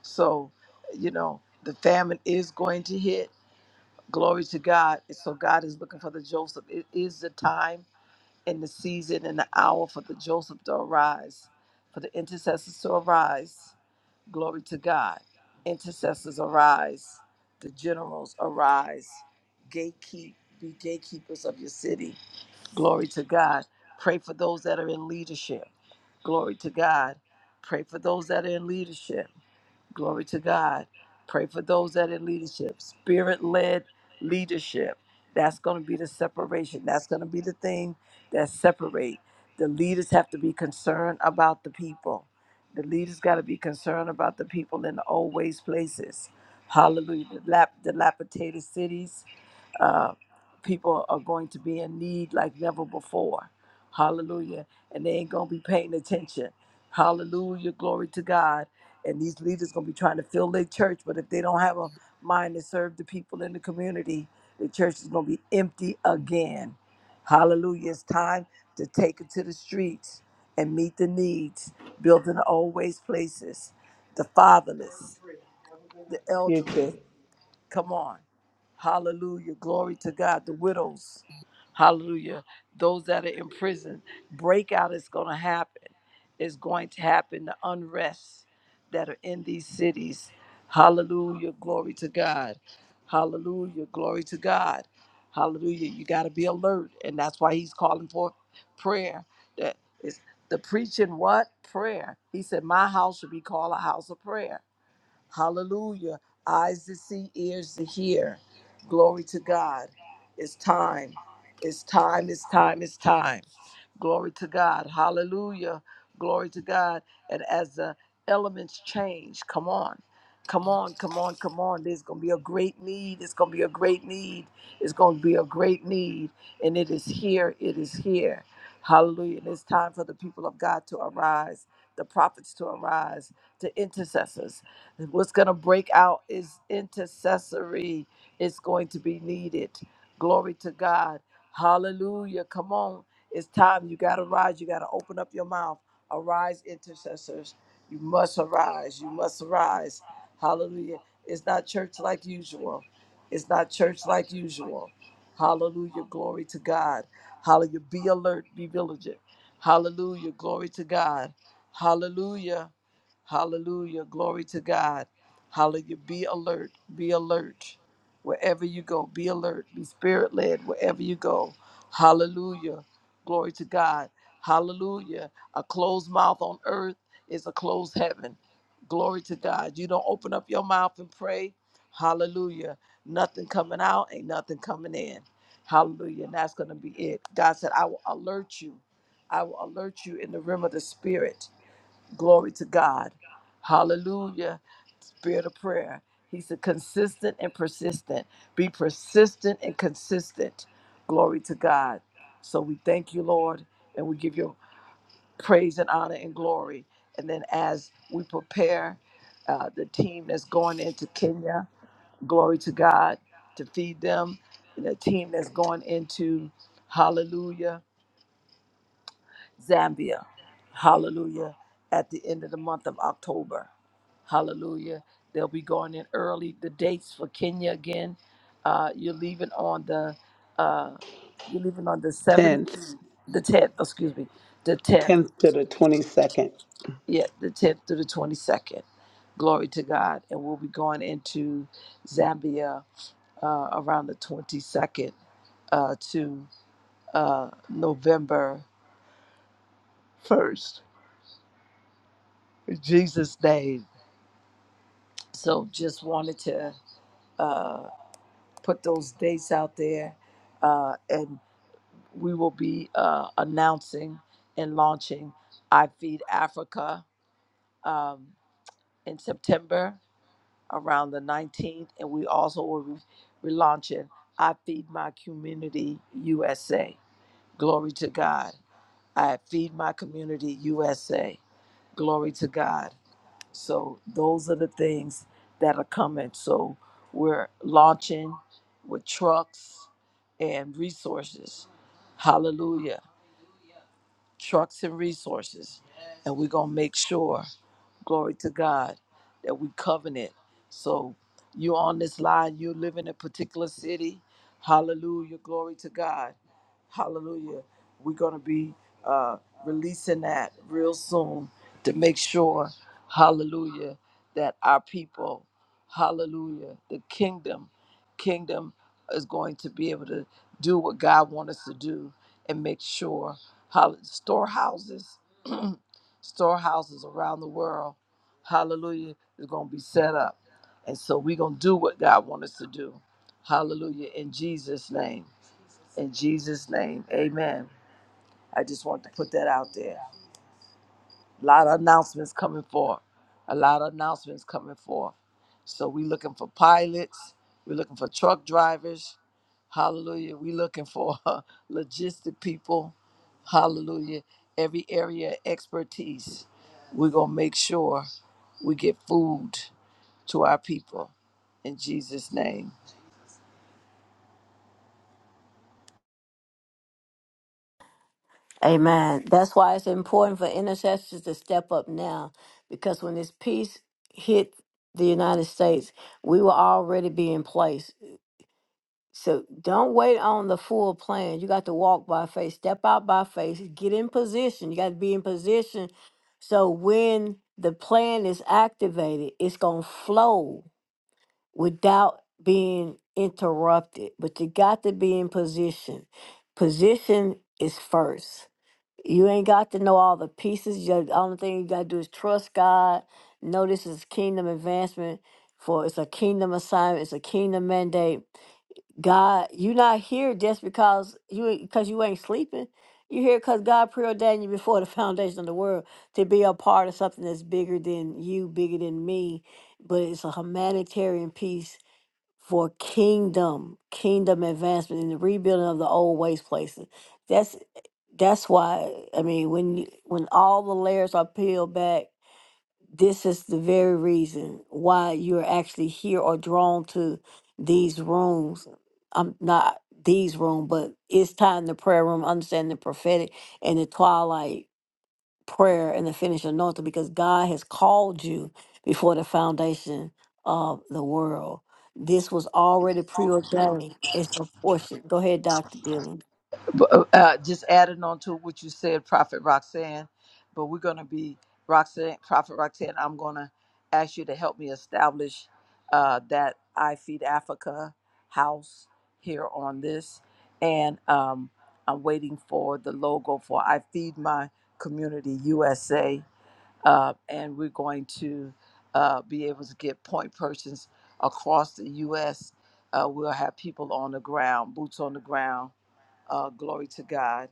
Speaker 3: So, you know, the famine is going to hit. Glory to God. So God is looking for the Joseph. It is the time and the season and the hour for the Joseph to arise, for the intercessors to arise Glory to God. Intercessors arise. The generals arise. Gatekeep, be gatekeepers of your city. Glory to God. Pray for those that are in leadership. Glory to God. Pray for those that are in leadership. Glory to God. Pray for those that are in leadership, spirit led leadership. That's going to be the separation. That's going to be the thing that separate. The leaders have to be concerned about the people. The leaders got to be concerned about the people in the old waste places. Hallelujah. The lap, dilapidated cities. Uh, people are going to be in need like never before. Hallelujah. And they ain't going to be paying attention. Hallelujah. Glory to God. And these leaders going to be trying to fill their church, but if they don't have a mind to serve the people in the community, the church is going to be empty again. Hallelujah. It's time to take it to the streets and meet the needs, building always places, the fatherless, the
Speaker 4: Here's
Speaker 3: elderly.
Speaker 4: the
Speaker 3: Come on. Hallelujah. Glory to God. The widows. Hallelujah. Those that are in prison. Breakout is going to happen. It's going to happen. The unrest that are in these cities. Hallelujah. Glory to God. Hallelujah. Glory to God. Hallelujah. You got to be alert. And that's why he's calling for prayer. That is the preaching what? Prayer. He said, My house should be called a house of prayer. Hallelujah. Eyes to see, ears to hear. Glory to God. It's time. It's time. It's time. It's time. Glory to God. Hallelujah. Glory to God. And as the elements change, come on. Come on, come on, come on. There's going to be a great need. It's going to be a great need. It's going to be a great need. And it is here. It is here. Hallelujah. And it's time for the people of God to arise, the prophets to arise, the intercessors. And what's going to break out is intercessory. It's going to be needed. Glory to God. Hallelujah. Come on. It's time you got to rise. You got to open up your mouth. Arise, intercessors. You must arise. You must arise. Hallelujah. It's not church like usual. It's not church like usual. Hallelujah. Glory to God. Hallelujah. Be alert. Be vigilant. Hallelujah. Glory to God. Hallelujah. Hallelujah. Glory to God. Hallelujah. Be alert. Be alert. Wherever you go, be alert. Be spirit led wherever you go. Hallelujah. Glory to God. Hallelujah. A closed mouth on earth is a closed heaven. Glory to God. You don't open up your mouth and pray. Hallelujah. Nothing coming out, ain't nothing coming in. Hallelujah. And that's going to be it. God said, I will alert you. I will alert you in the realm of the spirit. Glory to God. Hallelujah. Spirit of prayer. He said, consistent and persistent. Be persistent and consistent. Glory to God. So we thank you, Lord, and we give you praise and honor and glory. And then as we prepare uh, the team that's going into Kenya, glory to God, to feed them, and the team that's going into, hallelujah, Zambia. Hallelujah. At the end of the month of October. Hallelujah. They'll be going in early. The dates for Kenya again. Uh, you're leaving on the uh, you're leaving on the seventh,
Speaker 4: 10th,
Speaker 3: the tenth. Excuse me, the tenth.
Speaker 4: 10th to the 22nd.
Speaker 3: Yeah, the tenth through the twenty second. Glory to God. And we'll be going into Zambia uh, around the twenty second uh, to uh, November first. In Jesus' name. So just wanted to uh, put those dates out there, uh, and we will be uh, announcing and launching I Feed Africa um, in September around the 19th, and we also will be relaunching I Feed My Community USA. Glory to God. I Feed My Community USA. Glory to God. So those are the things that are coming. So we're launching with trucks and resources. Hallelujah. Trucks and resources. And we're going to make sure Glory to God that we covenant. So you on this line, you live in a particular city. Hallelujah. Glory to God. Hallelujah. We're going to be uh, releasing that real soon to make sure, hallelujah, that our people, hallelujah, the kingdom, kingdom is going to be able to do what God wants us to do and make sure, hall- storehouses. storehouses around the world, hallelujah, is going to be set up. And so we're going to do what God wants us to do. Hallelujah. In Jesus' name. In Jesus' name. Amen. I just want to put that out there. A lot of announcements coming forth. A lot of announcements coming forth. So we looking for pilots. We're looking for truck drivers. Hallelujah. We looking for logistic people. Hallelujah. Every area of expertise. We're gonna make sure we get food to our people in Jesus' name.
Speaker 1: Amen. That's why it's important for intercessors to step up now because when this peace hit the United States, we will already be in place. So don't wait on the full plan. You got to walk by faith, step out by faith, get in position. You got to be in position so when the plan is activated, it's going to flow without being interrupted. But you got to be in position. Position is first. You ain't got to know all the pieces. Your the only thing you got to do is trust God. Know this is kingdom advancement. For it's a kingdom assignment. It's a kingdom mandate. God, you not here just because you because you ain't sleeping. You here because God preordained you before the foundation of the world to be a part of something that's bigger than you, bigger than me. But it's a humanitarian piece for kingdom, kingdom advancement and the rebuilding of the old waste places. That's that's why I mean when you, when all the layers are peeled back, this is the very reason why you're actually here or drawn to these rooms. I'm not these room, but it's time the prayer room, understanding the prophetic and the twilight prayer and the finished anointing because God has called you before the foundation of the world. This was already preordained. It's your portion. Go ahead, Doctor Dylan.
Speaker 3: But, uh, uh, just adding on to what you said, Prophet Roxanne, but we're going to be Roxanne, Prophet Roxanne. I'm going to ask you to help me establish uh, that I Feed Africa house here on this, and um, I'm waiting for the logo for I Feed My Community USA, uh, and we're going to uh, be able to get point persons across the U.S. Uh, we'll have people on the ground, boots on the ground uh, glory to God,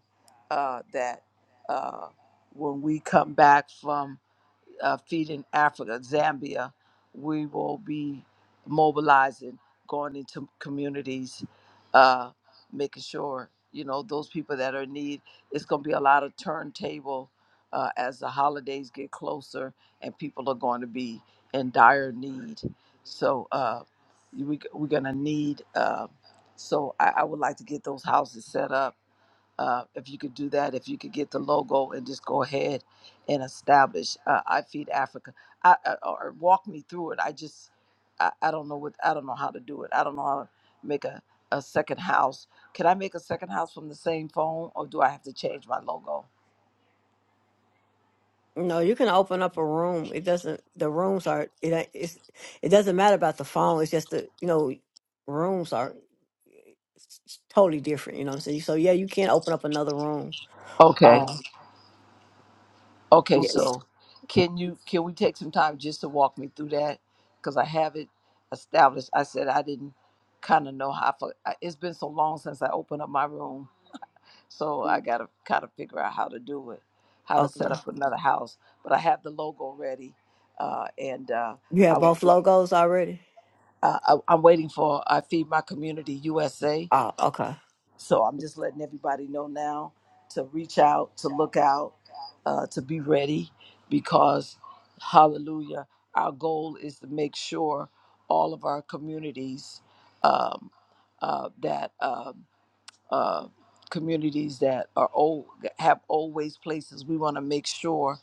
Speaker 3: uh, that uh, when we come back from uh, feed in Africa, Zambia, we will be mobilizing, going into communities, uh, making sure you know those people that are in need. It's going to be a lot of turntable uh, as the holidays get closer, and people are going to be in dire need. So uh, we we're going to need. Uh, so I, I would like to get those houses set up uh, if you could do that, if you could get the logo and just go ahead and establish uh, I Feed Africa, I, I, or walk me through it. I just, I, I don't know what, I don't know how to do it. I don't know how to make a, a second house. Can I make a second house from the same phone, or do I have to change my logo?
Speaker 1: No, you can open up a room. It doesn't. The rooms are. It ain't- it's. It doesn't matter about the phone. It's just the you know, rooms are it's it's totally different. You know what I'm saying? So yeah, you can open up another room.
Speaker 3: Okay,
Speaker 1: Oh,
Speaker 3: okay.
Speaker 1: yes.
Speaker 3: So, can you can we take some time just to walk me through that? Because I have it established. I said I didn't kind of know how. I fo- I- It's been so long since I opened up my room So I got to kind of figure out how to do it, how to set
Speaker 1: Okay.
Speaker 3: up another house. But I have the logo ready, uh, and uh,
Speaker 1: You have
Speaker 3: I want.
Speaker 1: both logos already.
Speaker 3: Uh, I, I'm waiting for I feed my community USA.
Speaker 1: Oh, okay.
Speaker 3: So I'm just letting everybody know now to reach out, to look out, uh, to be ready, because Hallelujah, our goal is to make sure all of our communities um, uh, that. Um, uh, communities that are old have old waste places. We want to make sure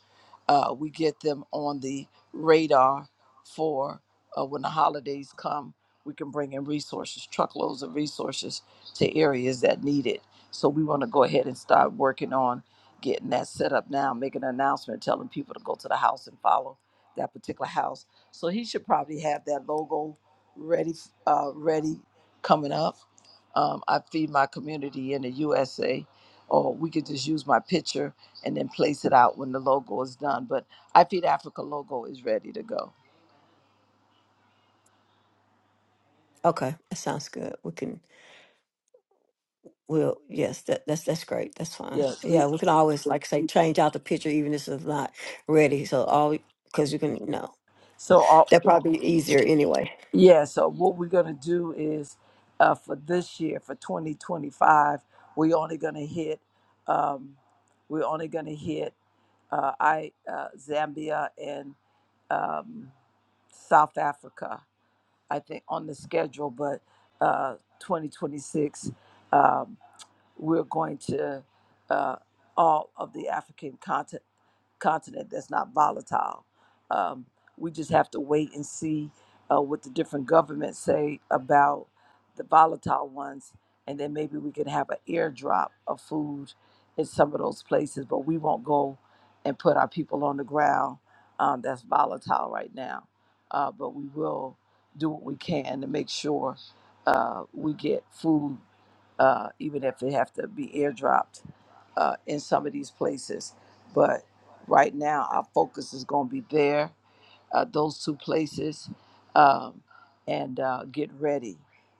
Speaker 3: uh, we get them on the radar for uh, when the holidays come. We can bring in resources, truckloads of resources to areas that need it. So we want to go ahead and start working on getting that set up now, make an announcement telling people to go to the house and follow that particular house. So he should probably have that logo ready, uh, ready coming up um, I feed my community in the USA, or we could just use my picture and then place it out when the logo is done. But I Feed Africa logo is ready to go.
Speaker 1: Okay, that sounds good. We can. Well, yes, that, that's that's great. That's fine.
Speaker 3: Yeah. The,
Speaker 1: Yeah, we can always like I say change out the picture even if it's not ready. So all because you can you know
Speaker 3: so all,
Speaker 1: that probably be easier anyway.
Speaker 3: yeah. So what we're gonna do is uh, for this year, for 2025, we're only gonna hit. Um, we're only gonna hit uh, I uh, Zambia and um, South Africa I think on the schedule, but uh, 2026 we're going to uh, all of the African continent, continent that's not volatile. Um, we just have to wait and see uh, what the different governments say about the volatile ones, and then maybe we could have an airdrop of food in some of those places. But we won't go and put our people on the ground um, that's volatile right now. Uh, but we will do what we can to make sure uh, we get food uh, even if they have to be airdropped uh, in some of these places. But right now, our focus is going to be there uh, those two places um, and uh, get ready.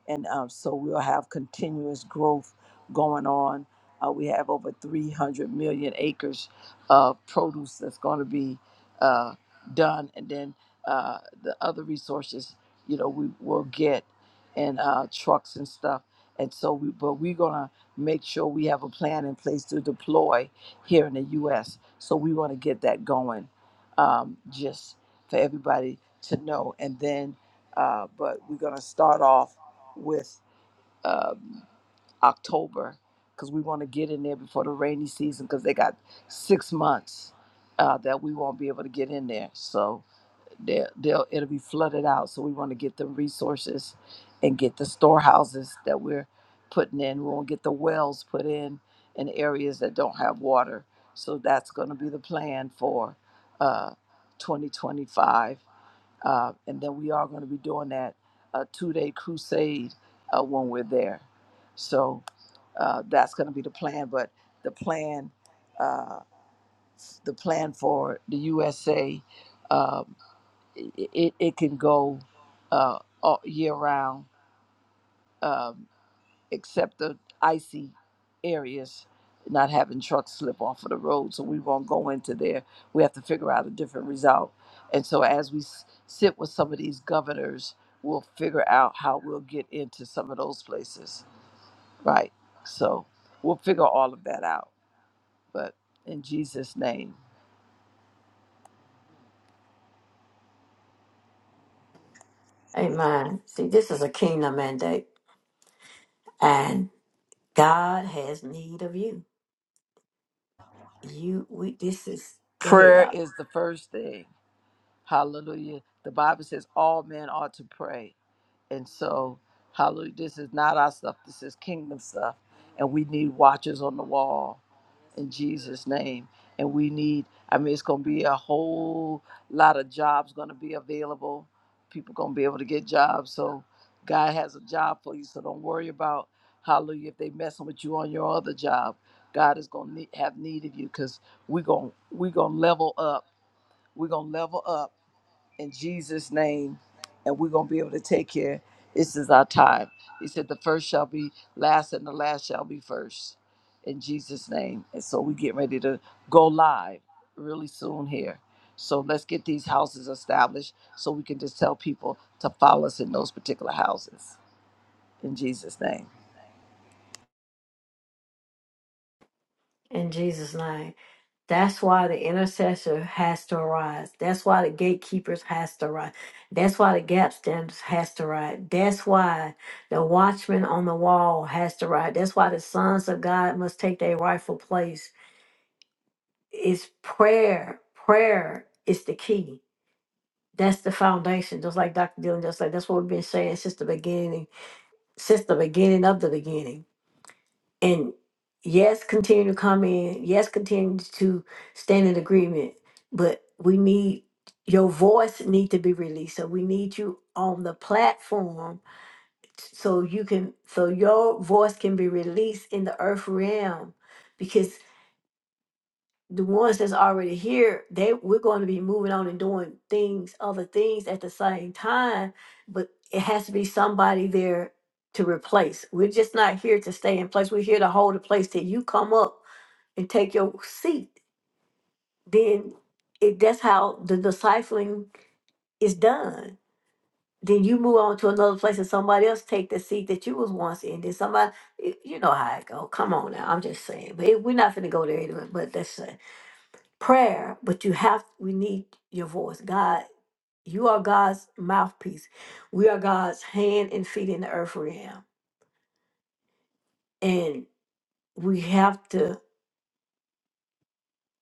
Speaker 3: And um, so we'll have continuous growth going on. Uh, we have over 300 million acres of produce that's going to be uh, done. And then uh, the other resources, you know, we will get and uh, trucks and stuff. And so we, but we're going to make sure we have a plan in place to deploy here in the U.S. So we want to get that going. Um, just for everybody to know. And then, uh, but we're going to start off with um, October because we want to get in there before the rainy season because they got six months uh, that we won't be able to get in there. So they'll, they'll, it'll be flooded out. So we want to get the resources and get the storehouses that we're putting in. We want to get the wells put in in areas that don't have water. So that's going to be the plan for uh, 2025 uh, and then we are going to be doing that a two day crusade uh, when we're there. So uh, that's going to be the plan. But the plan, uh, the plan for the USA, um, it, it it can go uh, all year round. Um except the icy areas, not having trucks slip off of the road. So we won't go into there. We have to figure out a different result. And so as we s- sit with some of these governors, we'll figure out how we'll get into some of those places. Right. So we'll figure all of that out. But in Jesus' name,
Speaker 1: Amen. See, this is a kingdom mandate, and God has need of you. You, we, this is, go ahead,
Speaker 3: prayer
Speaker 1: Doc.
Speaker 3: is the first thing. Hallelujah. The Bible says all men ought to pray And so, hallelujah, this is not our stuff, this is kingdom stuff. And we need watchers on the wall in Jesus' name. And we need, I mean, it's going to be a whole lot of jobs going to be available. People going to be able to get jobs. So, God has a job for you. So, don't worry about, hallelujah, if they messing with you on your other job. God is going to have need of you because we're going we gonna level up. We're going to level up in Jesus' name, and we're gonna be able to take care. This is our time. He said, "The first shall be last, and the last shall be first. In Jesus' name, and so we get ready to go live really soon here. So let's get these houses established, so we can just tell people to follow us in those particular houses. In Jesus' name.
Speaker 1: In Jesus' name. That's why the intercessor has to arise. That's why the gatekeepers has to rise. That's why the gap standers has to rise. That's why the watchman on the wall has to rise. That's why the sons of God must take their rightful place. It's prayer. Prayer is the key. That's the foundation. Just like Dr. Dillon just said. that's what we've been saying since the beginning, since the beginning of the beginning and yes, continue to come in. Yes, continue to stand in agreement. But we need your voice need to be released. So we need you on the platform so you can so your voice can be released in the earth realm because the ones that's already here, they we're going to be moving on and doing things, other things at the same time, but it has to be somebody there to replace. We're just not here to stay in place. We're here to hold a place till you come up and take your seat. Then it, that's how the discipling is done. Then you move on to another place and somebody else take the seat that you was once in. Then somebody, y- you know how it go. Come on now, I'm just saying. But it, we're not going to go there anyway. But that's uh, prayer. But you have, we need your voice. God, you are God's mouthpiece. We are God's hand and feet in the earth realm. And we have to,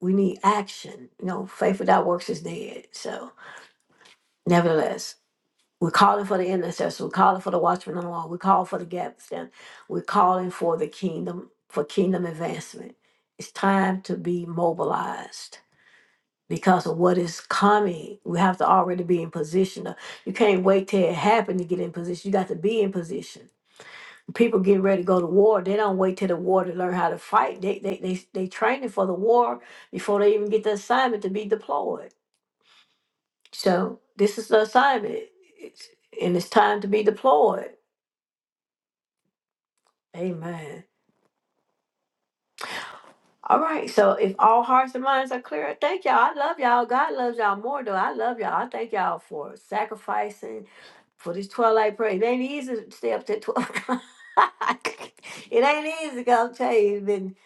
Speaker 1: we need action. You know, faith without works is dead. So nevertheless. We're calling for the intercessor. We're calling for the watchman on the wall. We're calling for the gap stand. We're calling for the kingdom, for kingdom advancement. It's time to be mobilized because of what is coming. We have to already be in position. You can't wait till it happens to get in position. You got to be in position. People getting ready to go to war. They don't wait till the war to learn how to fight. They they they they training for the war before they even get the assignment to be deployed. So this is the assignment. It's, and it's time to be deployed Amen. All right. So if all hearts and minds are clear, thank y'all. I love y'all. God loves y'all more though. I love y'all. I thank y'all for sacrificing for this twilight prayer. It ain't easy to stay up till twelve o'clock. it ain't easy, I'll tell you. It's been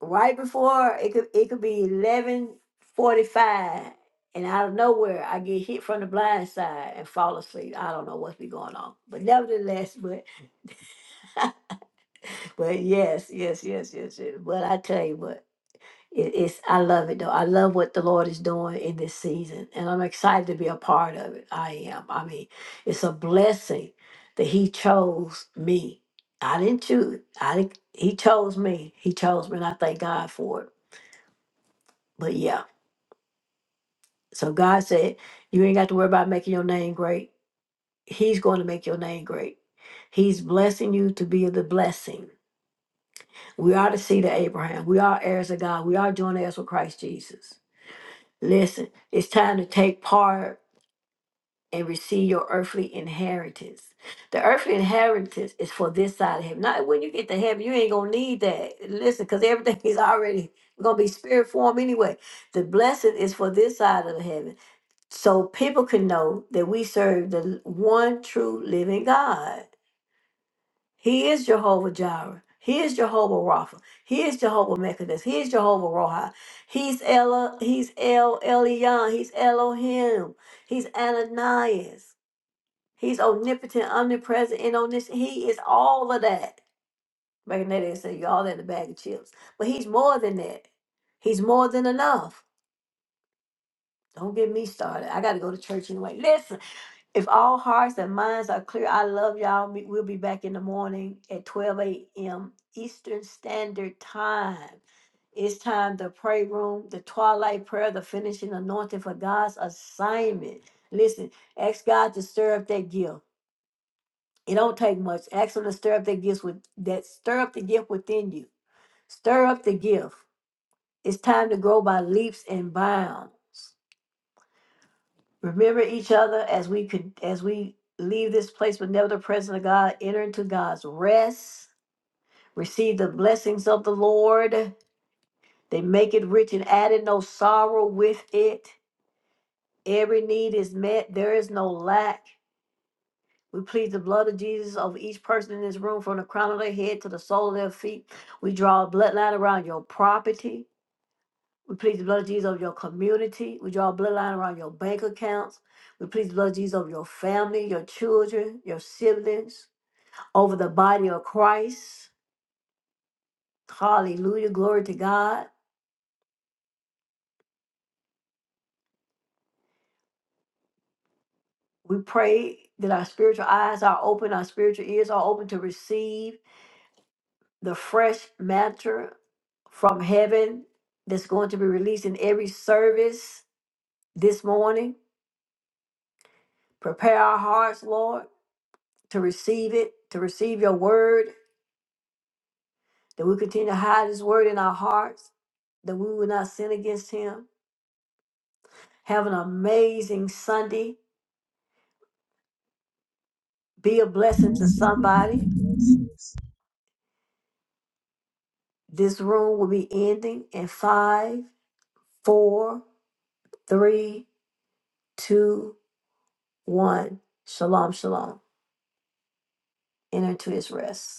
Speaker 1: right before it could it could be eleven forty five. And out of nowhere, I get hit from the blind side and fall asleep. I don't know what's be going on, but nevertheless, but but yes, yes, yes, yes, yes. But I tell you what. It- it's I love it though. I love what the Lord is doing in this season, and I'm excited to be a part of it. I am. I mean, it's a blessing that He chose me. I didn't choose. I didn't, He chose me. He chose me, and I thank God for it. But yeah, so God said, you ain't got to worry about making your name great. He's going to make your name great. He's blessing you to be the blessing. We are the seed of Abraham. We are heirs of God. We are joint heirs with Christ Jesus. Listen, it's time to take part and receive your earthly inheritance. The earthly inheritance is for this side of heaven. Not when you get to heaven, you ain't gonna need that. Listen, because everything is already gonna be spirit form anyway. The blessing is for this side of heaven. So people can know that we serve the one true living God. He is Jehovah Jireh. He is Jehovah Rapha. He is Jehovah Methodist. He is Jehovah Roha. He's Ella, he's El Elyon. He's Elohim. He's Ananias. He's omnipotent, omnipresent, and omniscient. He is all of that. Back in that day, say you all that in a bag of chips. But he's more than that. He's more than enough. Don't get me started. I got to go to church anyway. Listen, if all hearts and minds are clear, I love y'all. Me- We'll be back in the morning at 12 a.m. Eastern Standard Time. It's time to pray room, the twilight prayer, the finishing anointing for God's assignment. Listen, ask God to stir up that gift. It don't take much. Ask them to stir up their gifts with that stir up the gift within you. Stir up the gift. It's time to grow by leaps and bounds. Remember each other as we could as we leave this place, but never the presence of God. Enter into God's rest. Receive the blessings of the Lord. They make it rich and added no sorrow with it. Every need is met. There is no lack. We plead the blood of Jesus over each person in this room from the crown of their head to the sole of their feet. We draw a bloodline around your property. We plead the blood of Jesus over your community. We draw a bloodline around your bank accounts. We plead the blood of Jesus over your family, your children, your siblings, over the body of Christ. Hallelujah. Glory to God. We pray that our spiritual eyes are open, our spiritual ears are open to receive. the fresh matter from heaven that's going to be released in every service this morning. Prepare our hearts, Lord, to receive it, to receive your word, that we continue to hide his word in our hearts, that we will not sin against him. Have an amazing Sunday. Be a blessing to
Speaker 2: bless everybody.
Speaker 1: somebody.
Speaker 2: Bless you.
Speaker 1: This room will be ending in five, four, three, two, one. Shalom, shalom. Enter into his rest.